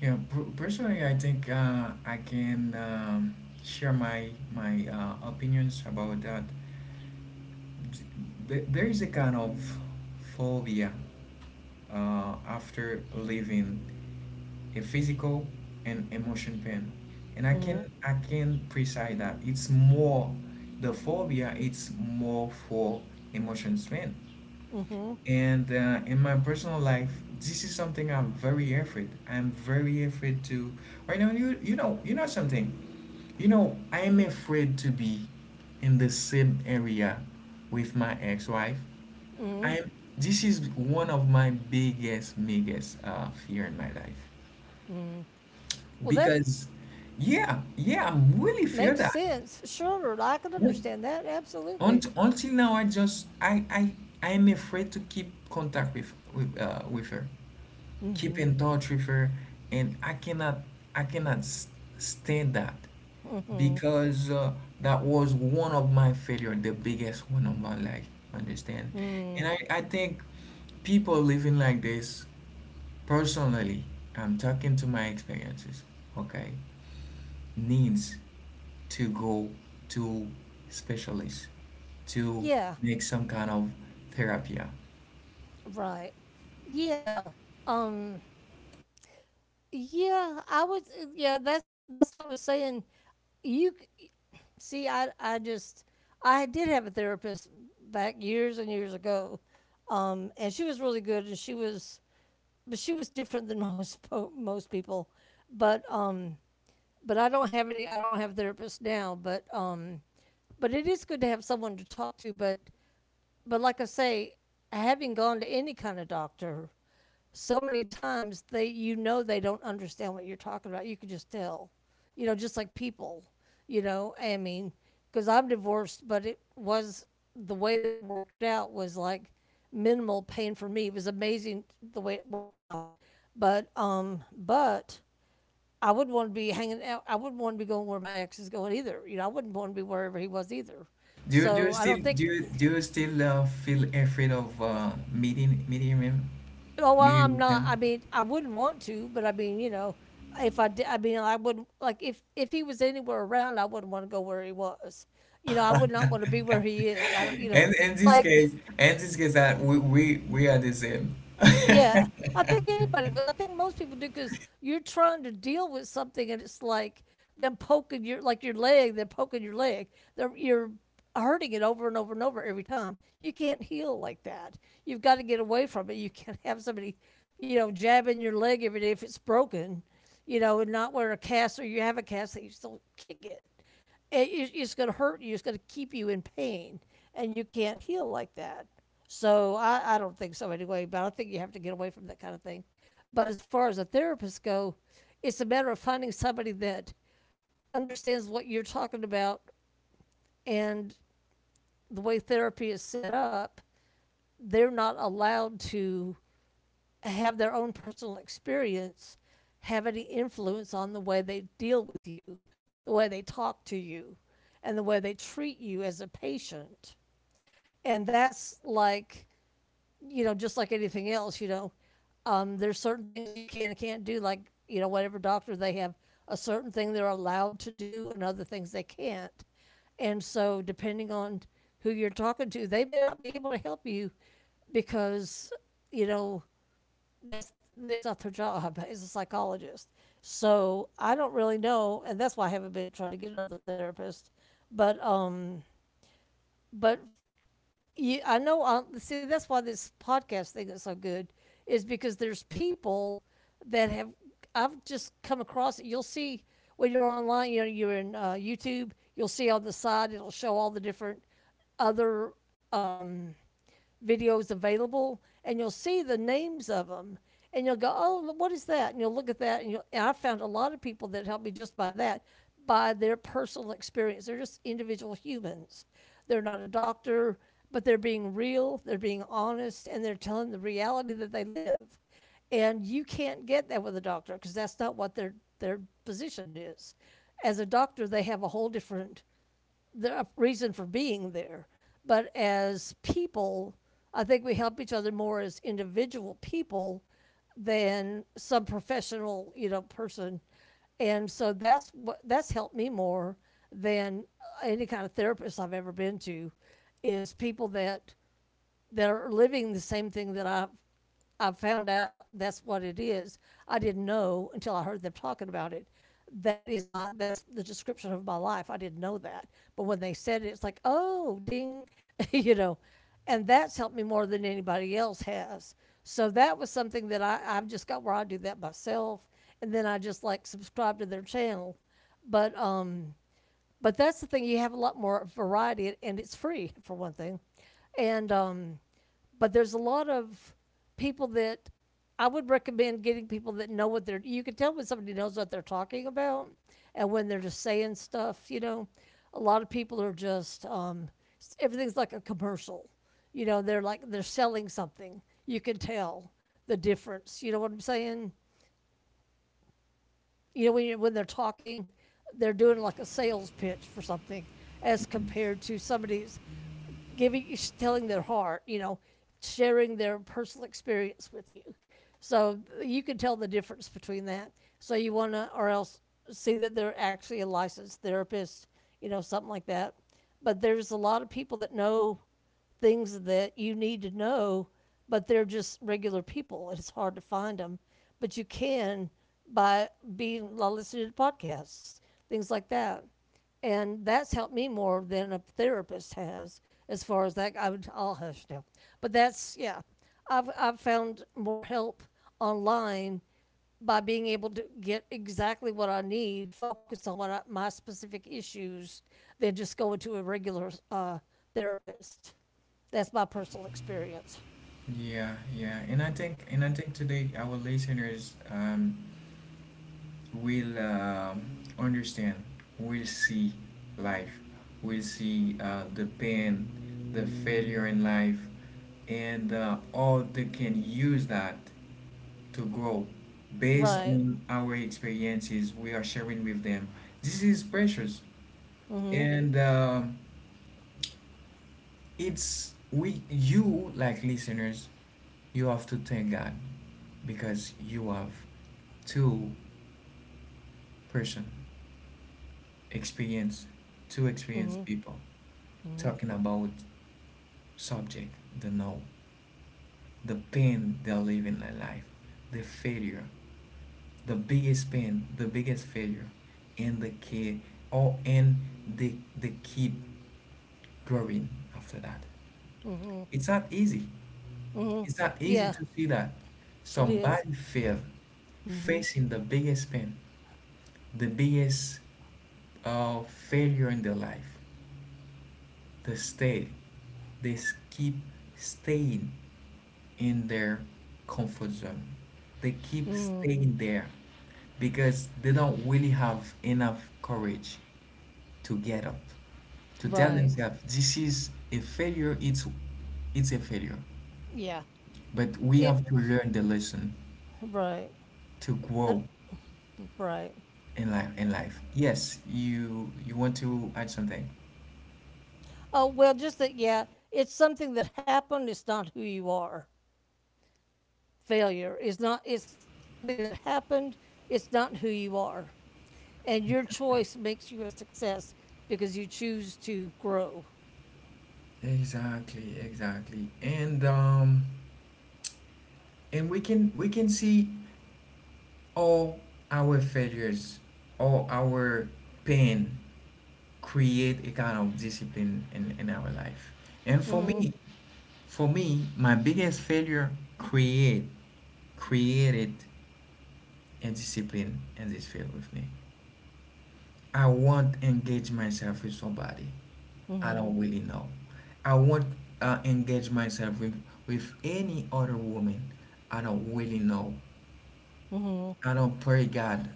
[SPEAKER 1] Yeah, per- personally, I think uh, I can um, share my my uh, opinions about that. Th- There is a kind of phobia uh, after leaving a physical and emotion pain, and I
[SPEAKER 2] Mm-hmm.
[SPEAKER 1] can I can precise that it's more the phobia. It's more for emotions pain.
[SPEAKER 2] Mm-hmm.
[SPEAKER 1] And uh, in my personal life, this is something I'm very afraid. I'm very afraid to. Right now, you you know you know something. You know I am afraid to be in the same area with my ex-wife.
[SPEAKER 2] Mm-hmm.
[SPEAKER 1] I'm. This is one of my biggest, biggest uh, fear in my life,
[SPEAKER 2] Mm-hmm. Well, that
[SPEAKER 1] because, yeah, yeah, I'm really fear
[SPEAKER 2] makes
[SPEAKER 1] that.
[SPEAKER 2] sense. Sure, I can
[SPEAKER 1] Un-
[SPEAKER 2] understand that. Absolutely.
[SPEAKER 1] unt- Until now, I just I I I am afraid to keep contact with with, uh, with her, keep
[SPEAKER 2] Mm-hmm.
[SPEAKER 1] in touch with her, and i cannot i cannot s- stand that,
[SPEAKER 2] Mm-hmm.
[SPEAKER 1] because uh, that was one of my failure, the biggest one of my life, understand? and
[SPEAKER 2] Mm.
[SPEAKER 1] i, I think people living like this, personally, I'm talking to my experiences, okay, needs to go to specialists to
[SPEAKER 2] Yeah.
[SPEAKER 1] make some kind of therapy.
[SPEAKER 2] Right. Yeah. Um. Yeah. I was. Yeah. That's that's what I was saying. You c- See, I I just I did have a therapist back years and years ago, um, and she was really good, and she was but she was different than [LAUGHS] most po- most people. But um, but I don't have any. I don't have a therapist now. But um, but it is good to have someone to talk to. But but like I say, having gone to any kind of doctor, so many times they, you know, they don't understand what you're talking about. You can just tell, you know, just like people, you know. I mean, because I'm divorced, but it was the way that it worked out was like minimal pain for me. It was amazing the way it worked out. But um, but I wouldn't want to be hanging out. I wouldn't want to be going where my ex is going either. You know, I wouldn't want to be wherever he was either.
[SPEAKER 1] Do you do
[SPEAKER 2] So
[SPEAKER 1] you
[SPEAKER 2] I
[SPEAKER 1] still
[SPEAKER 2] don't think.
[SPEAKER 1] do you do you still uh, feel afraid of uh, meeting meeting him,
[SPEAKER 2] Oh, well,
[SPEAKER 1] meeting
[SPEAKER 2] I'm
[SPEAKER 1] with
[SPEAKER 2] not.
[SPEAKER 1] him?
[SPEAKER 2] I mean, I wouldn't want to, but I mean, you know, if I did, I mean, I wouldn't like if if he was anywhere around, I wouldn't want to go where he was. You know, I would not want to be where he is. I don't. You
[SPEAKER 1] [LAUGHS]
[SPEAKER 2] know,
[SPEAKER 1] And in this
[SPEAKER 2] like,
[SPEAKER 1] case, in this case, that we, we we are the same.
[SPEAKER 2] yeah, I think anybody would. I think most people do, because you're trying to deal with something, and it's like them poking your, like, your leg. They're poking your leg. They're You're hurting it over and over and over every time. You can't heal like that. You've got to get away from it. You can't [LAUGHS] have somebody, you know, jabbing your leg every day if it's broken, you know, and not wear a cast, or you have a cast and you still kick it. It- It's going to hurt you. It's going to keep you in pain, and you can't heal like that. So I, I don't think so anyway, but I think you have to get away from that kind of thing. But as far as a therapist go, it's a matter of finding somebody that understands what you're talking about and the way therapy is set up, they're not allowed to have their own personal experience have any influence on the way they deal with you, the way they talk to you, and the way they treat you as a patient. And that's like, you know, just like anything else, you know, um, there's certain things you can and can't do. Like, you know, whatever doctor they have, a certain thing they're allowed to do and other things they can't. And so, depending on who you're talking to, they may not be able to help you because, you know, that's that's not their job [LAUGHS] as a psychologist. So I don't really know, and that's why I haven't been trying to get another therapist. But um, but you, I know. On, see, that's why this podcast thing is so good, is because there's people that have I've just come across it. You'll see when you're online. You know, you're in uh, YouTube. You'll see on the side it'll show all the different other um, videos available, and you'll see the names of them, and you'll go, "Oh, what is that?" And you'll look at that, and, you'll, and I found a lot of people that helped me just by that, by their personal experience. They're just individual humans. They're not a doctor, but they're being real, they're being honest, and they're telling the reality that they live. And you can't get that with a doctor because that's not what their their position is. As a doctor, they have a whole different the reason for being there. But as people, I think we help each other more as individual people than some professional, you know, person. And so that's what that's helped me more than any kind of therapist I've ever been to is people that that are living the same thing that I've I found out that's what it is. I didn't know until I heard them talking about it. That is my that's the description of my life. I didn't know that. But when they said it, it's like, oh, ding, [LAUGHS] you know. And that's helped me more than anybody else has. So that was something that I, I've just got where I do that myself. And then I just like subscribe to their channel. But um but that's the thing, you have a lot more variety and it's free for one thing. And um but there's a lot of people that I would recommend getting people that know what they're you can tell when somebody knows what they're talking about and when they're just saying stuff, you know. A lot of people are just um everything's like a commercial. You know, they're like they're selling something. You can tell the difference. You know what I'm saying? You know, when, you, when they're talking, they're doing like a sales pitch for something as compared to somebody's giving, telling their heart, you know, sharing their personal experience with you. So you can tell the difference between that. So you want to, or else see that they're actually a licensed therapist, you know, something like that. But there's a lot of people that know things that you need to know, but they're just regular people. It's hard to find them, but you can by being listening to podcasts, things like that. And that's helped me more than a therapist has, as far as that. I would, I'll hush now. But that's, yeah, I've, I've found more help online by being able to get exactly what I need, focus on what I, my specific issues, than just going to a regular uh, therapist. That's my personal experience.
[SPEAKER 1] Yeah, yeah, and I think and I think today our listeners um will um understand, will see life, will see uh, the pain, the failure in life, and uh, all they can use that to grow based
[SPEAKER 2] Right.
[SPEAKER 1] on our experiences we are sharing with them. This is precious,
[SPEAKER 2] Mm hmm.
[SPEAKER 1] and um, it's we you like listeners. You have to thank God because you have two person experience, two experienced
[SPEAKER 2] Mm
[SPEAKER 1] people
[SPEAKER 2] hmm. Mm
[SPEAKER 1] talking about subject, the know, the pain they are living their life, the failure, the biggest pain, the biggest failure, and the kid, or and they they keep growing after that. It's not easy.
[SPEAKER 2] hmm. Mm hmm.
[SPEAKER 1] It's not easy
[SPEAKER 2] Yeah,
[SPEAKER 1] to see that
[SPEAKER 2] it is.
[SPEAKER 1] somebody fail,
[SPEAKER 2] Mm hmm.
[SPEAKER 1] facing the biggest pain, the biggest uh, failure in their life. They stay, they s- keep staying in their comfort zone. They
[SPEAKER 2] Mm
[SPEAKER 1] keep
[SPEAKER 2] hmm.
[SPEAKER 1] staying there because they don't really have enough courage to get up, to tell
[SPEAKER 2] Right.
[SPEAKER 1] themselves this is a failure, it's it's a failure.
[SPEAKER 2] Yeah.
[SPEAKER 1] But we
[SPEAKER 2] It.
[SPEAKER 1] have to learn the lesson
[SPEAKER 2] Right.
[SPEAKER 1] to
[SPEAKER 2] The,
[SPEAKER 1] grow
[SPEAKER 2] right.
[SPEAKER 1] in life in life. Yes, you you want to add something.
[SPEAKER 2] Oh, well, just that, yeah, it's something that happened. It's not who you are. Failure is not, it's something that happened. It's not who you are. And your choice makes you a success because you choose to grow.
[SPEAKER 1] Exactly, exactly. And um and we can we can see all our failures, all our pain create a kind of discipline in, in our life. And for
[SPEAKER 2] Mm
[SPEAKER 1] me, for me, my biggest failure create created a discipline in this field with me. I won't engage myself with somebody
[SPEAKER 2] hmm.
[SPEAKER 1] I don't
[SPEAKER 2] Mm
[SPEAKER 1] really know. I won't uh, engage myself with, with any other woman I don't really know.
[SPEAKER 2] hmm. Mm hmm.
[SPEAKER 1] I don't pray God.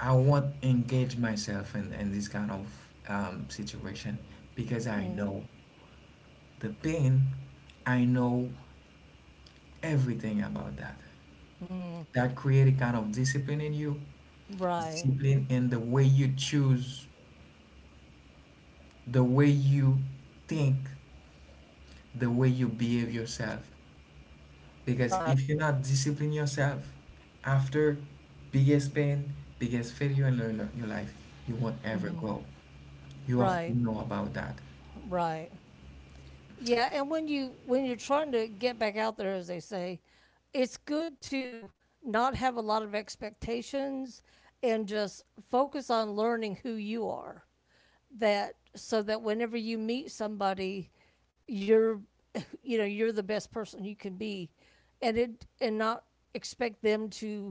[SPEAKER 1] I won't engage myself in, in this kind of um, situation, because I know the pain. I know everything about that. That create a kind of discipline in you,
[SPEAKER 2] Right.
[SPEAKER 1] discipline in the way you choose, the way you think, the way you behave yourself. Because
[SPEAKER 2] Right.
[SPEAKER 1] if you're not disciplining yourself after biggest pain, biggest failure in your your life, you won't ever grow. You have
[SPEAKER 2] Right.
[SPEAKER 1] to know about that.
[SPEAKER 2] Right. Yeah, and when you when you're trying to get back out there as they say, it's good to not have a lot of expectations and just focus on learning who you are that so that whenever you meet somebody, you're [LAUGHS] you know you're the best person you can be, and it and not expect them to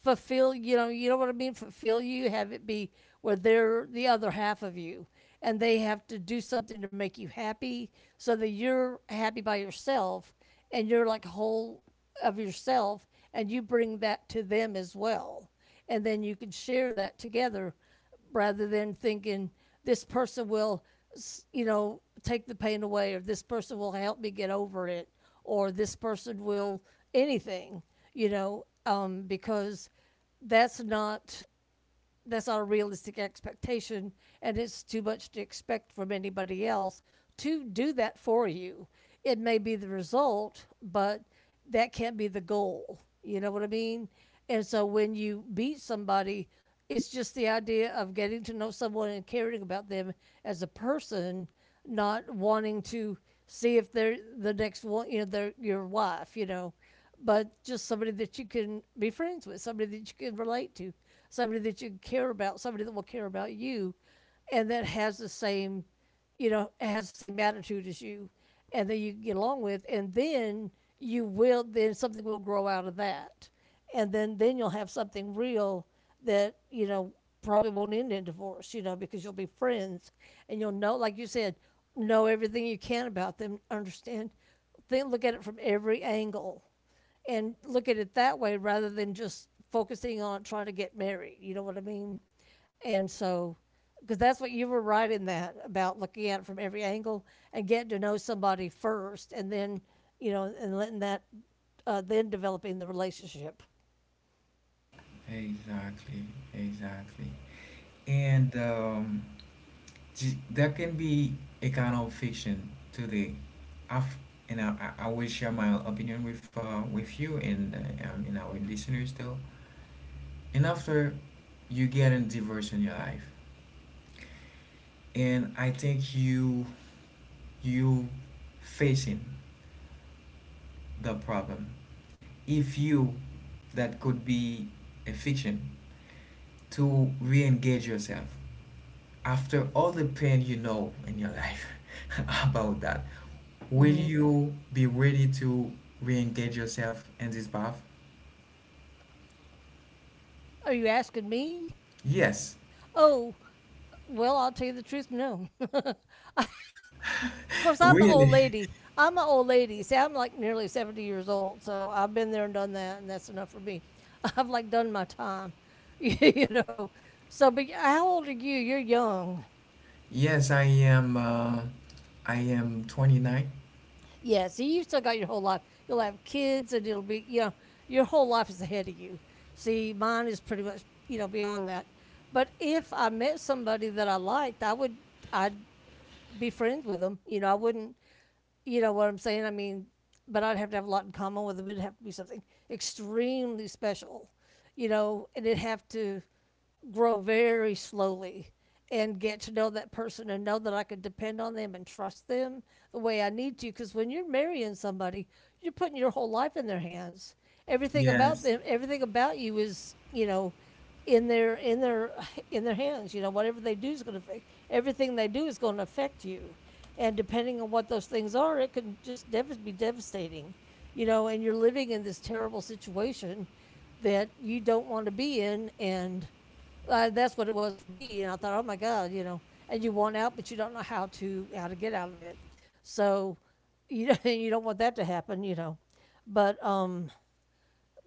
[SPEAKER 2] fulfill, you know, you know what I mean, fulfill, you have it be where they're the other half of you and they have to do something to make you happy, so that you're happy by yourself and you're like whole of yourself and you bring that to them as well, and then you can share that together rather than thinking this person will, you know, take the pain away, or this person will help me get over it, or this person will anything, you know, um, because that's not that's not a realistic expectation and it's too much to expect from anybody else to do that for you. It may be the result, but that can't be the goal, you know what I mean. And so when you beat somebody, it's just the idea of getting to know someone and caring about them as a person, not wanting to see if they're the next one, you know, they're your wife, you know, but just somebody that you can be friends with, somebody that you can relate to, somebody that you care about, somebody that will care about you, and that has the same, you know, has the same attitude as you, and that you can get along with, and then you will, then something will grow out of that, and then then you'll have something real that you know probably won't end in divorce, you know, because you'll be friends and you'll know, like you said, know everything you can about them, understand, think, look at it from every angle and look at it that way rather than just focusing on trying to get married, you know what I mean. And so because that's what you were right in that about looking at it from every angle and getting to know somebody first, and then, you know, and letting that uh, then developing the relationship.
[SPEAKER 1] Exactly, exactly. And um, j- that can be a kind of fiction today. I've, and I, I I will share my opinion with uh, with you and uh, um, and our listeners though. And after you get in divorce in your life, and I think you you facing the problem, if you, that could be a fiction to re-engage yourself after all the pain you know in your life [LAUGHS] about that. Will you be ready to re-engage yourself in this path?
[SPEAKER 2] Are you asking me?
[SPEAKER 1] Yes,
[SPEAKER 2] Oh, well, I'll tell you the truth, no. [LAUGHS] Of course, I'm an old
[SPEAKER 1] really.
[SPEAKER 2] lady. I'm an old lady. See, I'm like nearly seventy years old, so I've been there and done that, and that's enough for me. [LAUGHS] I've like done my time, [LAUGHS] you know. So, but how old are you? You're young.
[SPEAKER 1] Yes, I am uh, I am twenty-nine.
[SPEAKER 2] Yeah, see, you've still got your whole life. You'll have kids, and it'll be, you know, your whole life is ahead of you. See, mine is pretty much, you know, beyond that. But if I met somebody that I liked, I would, I'd be friends with them. You know, I wouldn't, you know what I'm saying? I mean, but I'd have to have a lot in common with them. It'd have to be something extremely special, you know, and it'd have to grow very slowly and get to know that person and know that I could depend on them and trust them the way I need to. Because when you're marrying somebody, you're putting your whole life in their hands. Everything about
[SPEAKER 1] Yes,
[SPEAKER 2] them, everything about you is, you know, in their in their in their hands. You know, whatever they do is going to affect, everything they do is going to affect you, and depending on what those things are, it can just dev- be devastating. You know, and you're living in this terrible situation that you don't want to be in, and uh, that's what it was for me, and I thought, oh my God, you know. And you want out, but you don't know how to how to get out of it. So, you [LAUGHS] know, you don't want that to happen, you know. But um,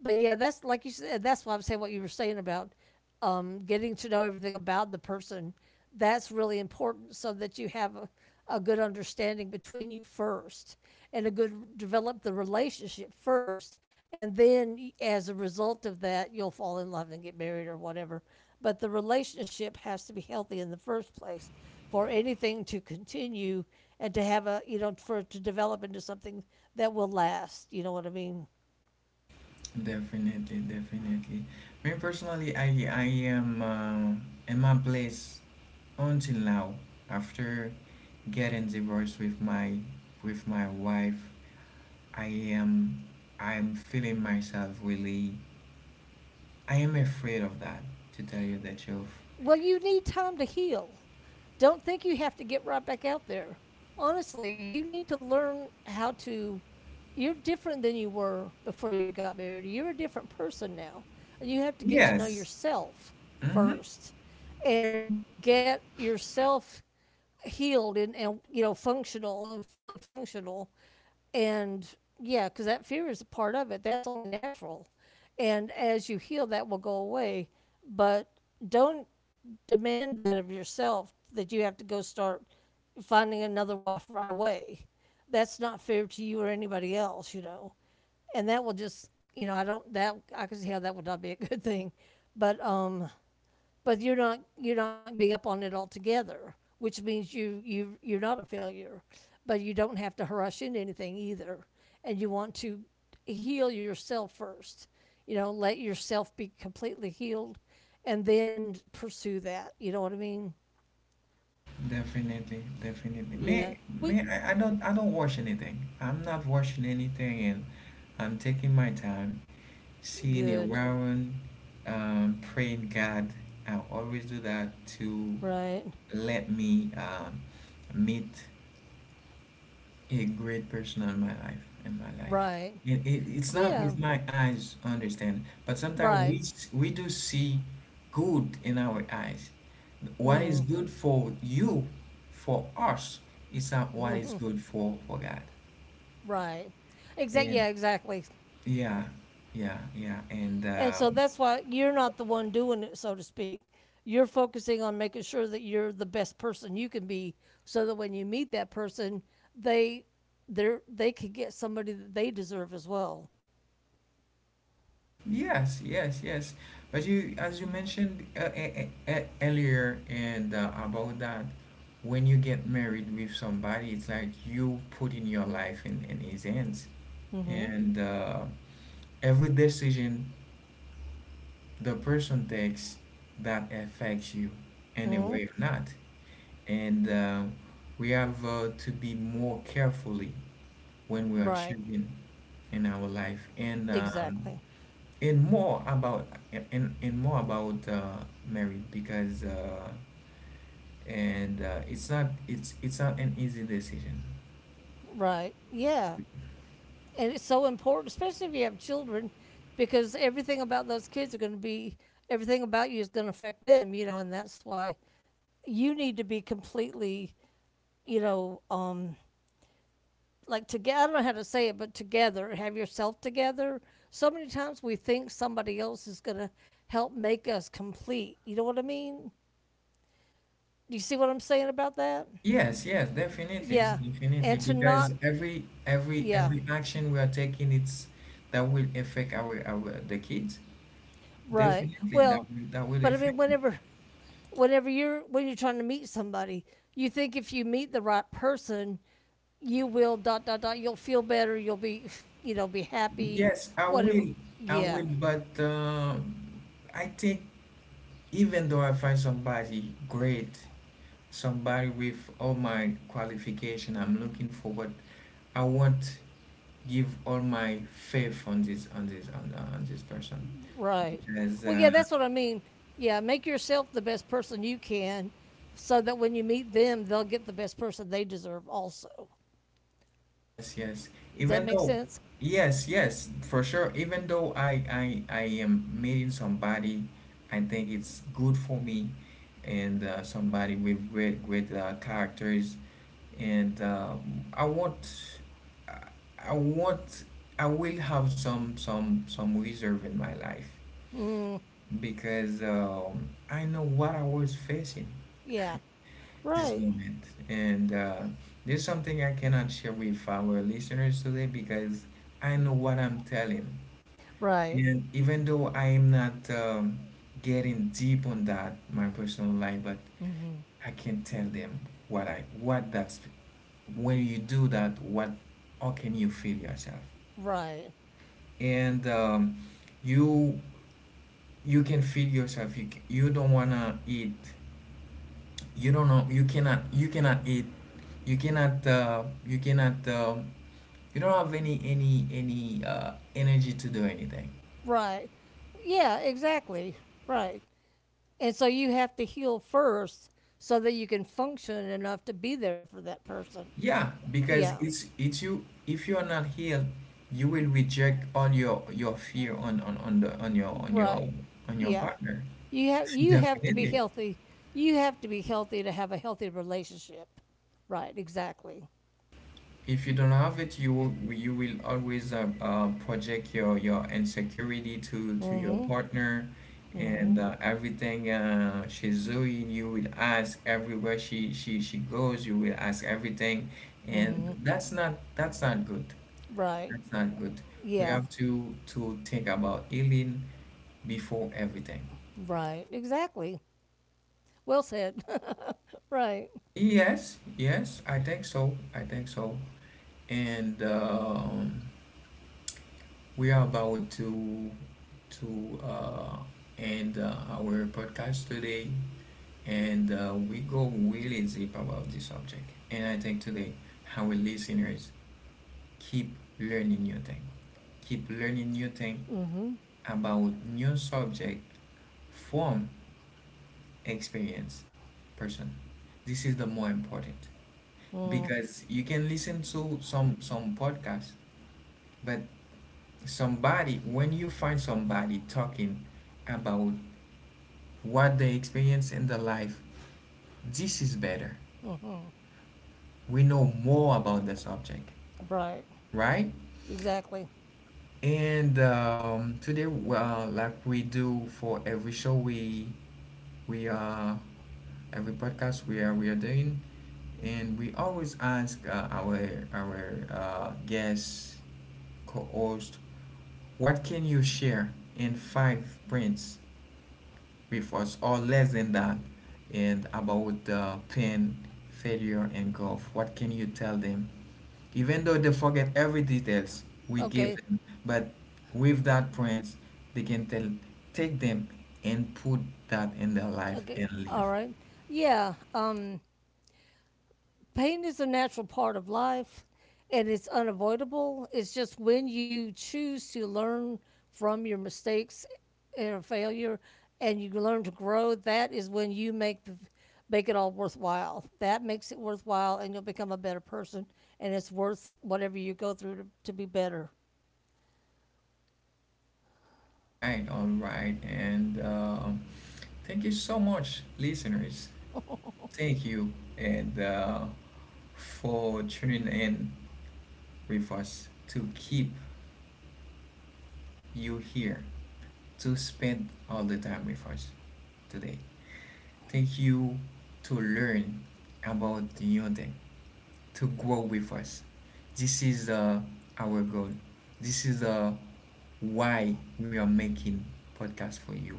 [SPEAKER 2] but yeah, that's like you said. That's why I'm saying what you were saying about um, getting to know everything about the person. That's really important, so that you have a, a good understanding between you first, and a good develop the relationship first, and then as a result of that, you'll fall in love and get married or whatever. But the relationship has to be healthy in the first place for anything to continue and to have, a you know, for it to develop into something that will last. You know what I mean?
[SPEAKER 1] definitely, definitely. Me personally, I I am uh, in my place until now. After getting divorced with my with my wife, I am I'm feeling myself really. I am afraid of that, to tell you the truth.
[SPEAKER 2] Well, you need time to heal. Don't think you have to get right back out there. Honestly, you need to learn how to. You're different than you were before you got married. You're a different person now. And you have to get to know
[SPEAKER 1] Yes.
[SPEAKER 2] yourself
[SPEAKER 1] Mm-hmm.
[SPEAKER 2] first and get yourself healed, and, and you know functional and fully functional and yeah, because that fear is a part of it. That's only natural. And as you heal, that will go away. But don't demand that of yourself, that you have to go start finding another wife right away. That's not fair to you or anybody else, you know. And that will just, you know, I don't, that, I can see how that would not be a good thing. But, um, but you're not, you're not giving up on it altogether, which means you you you're not a failure, but you don't have to rush into anything either, and you want to heal yourself first. You know, let yourself be completely healed, and then pursue that. You know what I mean?
[SPEAKER 1] Definitely, definitely. Me,
[SPEAKER 2] Yeah.
[SPEAKER 1] me,
[SPEAKER 2] We
[SPEAKER 1] I, I don't, I don't watch anything. I'm not watching anything, and I'm taking my time, seeing
[SPEAKER 2] good.
[SPEAKER 1] around, um, praying God. I always do that to
[SPEAKER 2] Right.
[SPEAKER 1] let me um, meet a great person in my life in my life.
[SPEAKER 2] Right.
[SPEAKER 1] It, it, it's not
[SPEAKER 2] Yeah.
[SPEAKER 1] with my eyes, understand, but sometimes we
[SPEAKER 2] Right.
[SPEAKER 1] s- we do see good in our eyes. What is good for you, for us, is not what is good for for God.
[SPEAKER 2] Right. Exactly. Yeah.
[SPEAKER 1] and
[SPEAKER 2] Exactly.
[SPEAKER 1] yeah yeah yeah and
[SPEAKER 2] And
[SPEAKER 1] uh
[SPEAKER 2] so that's why you're not the one doing it, so to speak. You're focusing on making sure that you're the best person you can be, so that when you meet that person, they they they can get somebody that they deserve as well.
[SPEAKER 1] Yes, yes, yes. But you, as you mentioned uh, e- e- e- earlier, and uh, about that, when you get married with somebody, it's like you put in your life in, in his hands,
[SPEAKER 2] Mm-hmm.
[SPEAKER 1] and uh, every decision the person takes that affects you in a
[SPEAKER 2] Mm-hmm.
[SPEAKER 1] way or not, and uh, we have uh, to be more carefully when we are
[SPEAKER 2] Right.
[SPEAKER 1] choosing in our life, and um,
[SPEAKER 2] Exactly.
[SPEAKER 1] and more about and, and more about uh, marriage because uh, and uh, it's not it's it's not an easy decision.
[SPEAKER 2] Right. Yeah. And it's so important, especially if you have children, because everything about those kids are going to be, everything about you is going to affect them. You know, and that's why you need to be completely, you know, um, like together. I don't know how to say it, but together, have yourself together. So many times we think somebody else is gonna help make us complete. You know what I mean? Do you see what I'm saying about that?
[SPEAKER 1] Yes, yes, definitely.
[SPEAKER 2] Yeah,
[SPEAKER 1] Definitely,
[SPEAKER 2] and to
[SPEAKER 1] because
[SPEAKER 2] not,
[SPEAKER 1] every every
[SPEAKER 2] yeah,
[SPEAKER 1] every action we are taking, it's that will affect our our the kids.
[SPEAKER 2] right.
[SPEAKER 1] Definitely that
[SPEAKER 2] Well,
[SPEAKER 1] will that will
[SPEAKER 2] but I
[SPEAKER 1] affect.
[SPEAKER 2] mean, whenever, whenever you're, when you're trying to meet somebody, you think if you meet the right person, you will dot dot dot. You'll feel better. You'll be, you know, be happy.
[SPEAKER 1] Yes, I
[SPEAKER 2] Whatever.
[SPEAKER 1] will. I
[SPEAKER 2] Yeah.
[SPEAKER 1] will, but uh, I think even though I find somebody great, somebody with all my qualification I'm looking forward, I want give all my faith on this on this on, on this person.
[SPEAKER 2] Right.
[SPEAKER 1] Because
[SPEAKER 2] Well, yeah,
[SPEAKER 1] uh,
[SPEAKER 2] that's what I mean. Yeah, make yourself the best person you can so that when you meet them, they'll get the best person they deserve also.
[SPEAKER 1] Yes, yes.
[SPEAKER 2] Does that
[SPEAKER 1] Even
[SPEAKER 2] make
[SPEAKER 1] though,
[SPEAKER 2] sense?
[SPEAKER 1] yes, yes, for sure. Even though I, I, I am meeting somebody, I think it's good for me, and uh, somebody with great, great uh, characters, and uh, I want, I I want, I will have some, some, some reserve in my life
[SPEAKER 2] Mm,
[SPEAKER 1] because um, I know what I was facing
[SPEAKER 2] yeah.
[SPEAKER 1] this
[SPEAKER 2] Right.
[SPEAKER 1] moment. And uh, There's something I cannot share with our listeners today because I know what I'm telling.
[SPEAKER 2] Right.
[SPEAKER 1] And even though I am not um, getting deep on that, my personal life, but I can tell them what I, what that's, when you do that, what, how can you feel yourself?
[SPEAKER 2] Right.
[SPEAKER 1] And um, You, you can feel yourself. You, c- you don't wanna eat, you don't know, you cannot you cannot eat, you cannot uh, you cannot um, you don't have any any any uh, energy to do anything.
[SPEAKER 2] Right. Yeah, exactly. Right. And so you have to heal first so that you can function enough to be there for that person.
[SPEAKER 1] Yeah, because
[SPEAKER 2] Yeah.
[SPEAKER 1] it's it's you, if you are not healed, you will reject all your your fear on on, on the on your on your
[SPEAKER 2] Right.
[SPEAKER 1] on your
[SPEAKER 2] Yeah.
[SPEAKER 1] partner.
[SPEAKER 2] You have
[SPEAKER 1] [LAUGHS]
[SPEAKER 2] you have to be
[SPEAKER 1] Definitely.
[SPEAKER 2] healthy. You have to be healthy to have a healthy relationship. Right, exactly.
[SPEAKER 1] If you don't have it, you will, you will always uh, uh, project your, your insecurity to, to your
[SPEAKER 2] Mhm.
[SPEAKER 1] partner, and
[SPEAKER 2] Mhm.
[SPEAKER 1] uh, everything uh, she's doing, you will ask everywhere she, she, she goes, you will ask everything.
[SPEAKER 2] Mhm.
[SPEAKER 1] And that's not, that's not good.
[SPEAKER 2] Right.
[SPEAKER 1] That's not good. We
[SPEAKER 2] Yeah,
[SPEAKER 1] have to, to think about healing before everything.
[SPEAKER 2] right. Exactly. Well said. [LAUGHS] right.
[SPEAKER 1] Yes, yes, I think so. I think so. And um, We are about to to uh, end uh, our podcast today, and uh, we go really deep about this subject. And I think today, our listeners keep learning new thing, keep learning new thing
[SPEAKER 2] Mhm.
[SPEAKER 1] about new subject from experience person. This is the more important
[SPEAKER 2] Mhm.
[SPEAKER 1] because you can listen to some some podcast, but somebody when you find somebody talking about what they experience in their life. This is better.
[SPEAKER 2] Mhm.
[SPEAKER 1] We know more about the subject,
[SPEAKER 2] Right.
[SPEAKER 1] right?
[SPEAKER 2] Exactly.
[SPEAKER 1] And um, Today, well, like we do for every show, we we are every podcast we are we are doing, and we always ask uh, our our uh, guest co-host, what can you share in five points refers or less than that and about uh, pain, failure, and golf. What can you tell them? Even though they forget every details we give
[SPEAKER 2] Okay.
[SPEAKER 1] them, but with that points, they can tell, take them and put that in their life
[SPEAKER 2] Okay.
[SPEAKER 1] and
[SPEAKER 2] All
[SPEAKER 1] live.
[SPEAKER 2] right. Yeah, um pain is a natural part of life and it's unavoidable. It's just when you choose to learn from your mistakes and failure and you learn to grow, that is when you make the make it all worthwhile. That makes it worthwhile and you'll become a better person and it's worth whatever you go through to, to be better.
[SPEAKER 1] Right, all right, and uh, thank you so much, listeners.
[SPEAKER 2] [LAUGHS]
[SPEAKER 1] Thank you, and uh, for tuning in with us to keep you here, to spend all the time with us today. Thank you to learn about the new thing, to grow with us. This is uh, our goal. This is uh, why we are making podcast for you.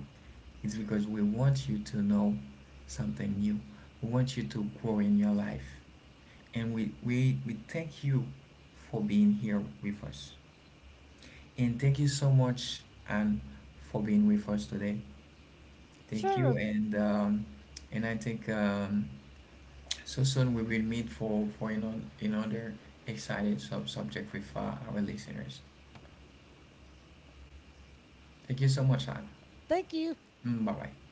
[SPEAKER 1] It's because we want you to know something new. We want you to grow in your life. And we, we, we thank you for being here with us. And thank you so much, Anne, for being with us today. Thank
[SPEAKER 2] sure.
[SPEAKER 1] you, and um, and I think um, so soon we will meet for for ano- another exciting sub subject with uh, our listeners. Thank you so much, Anne.
[SPEAKER 2] Thank you.
[SPEAKER 1] Mm, bye bye.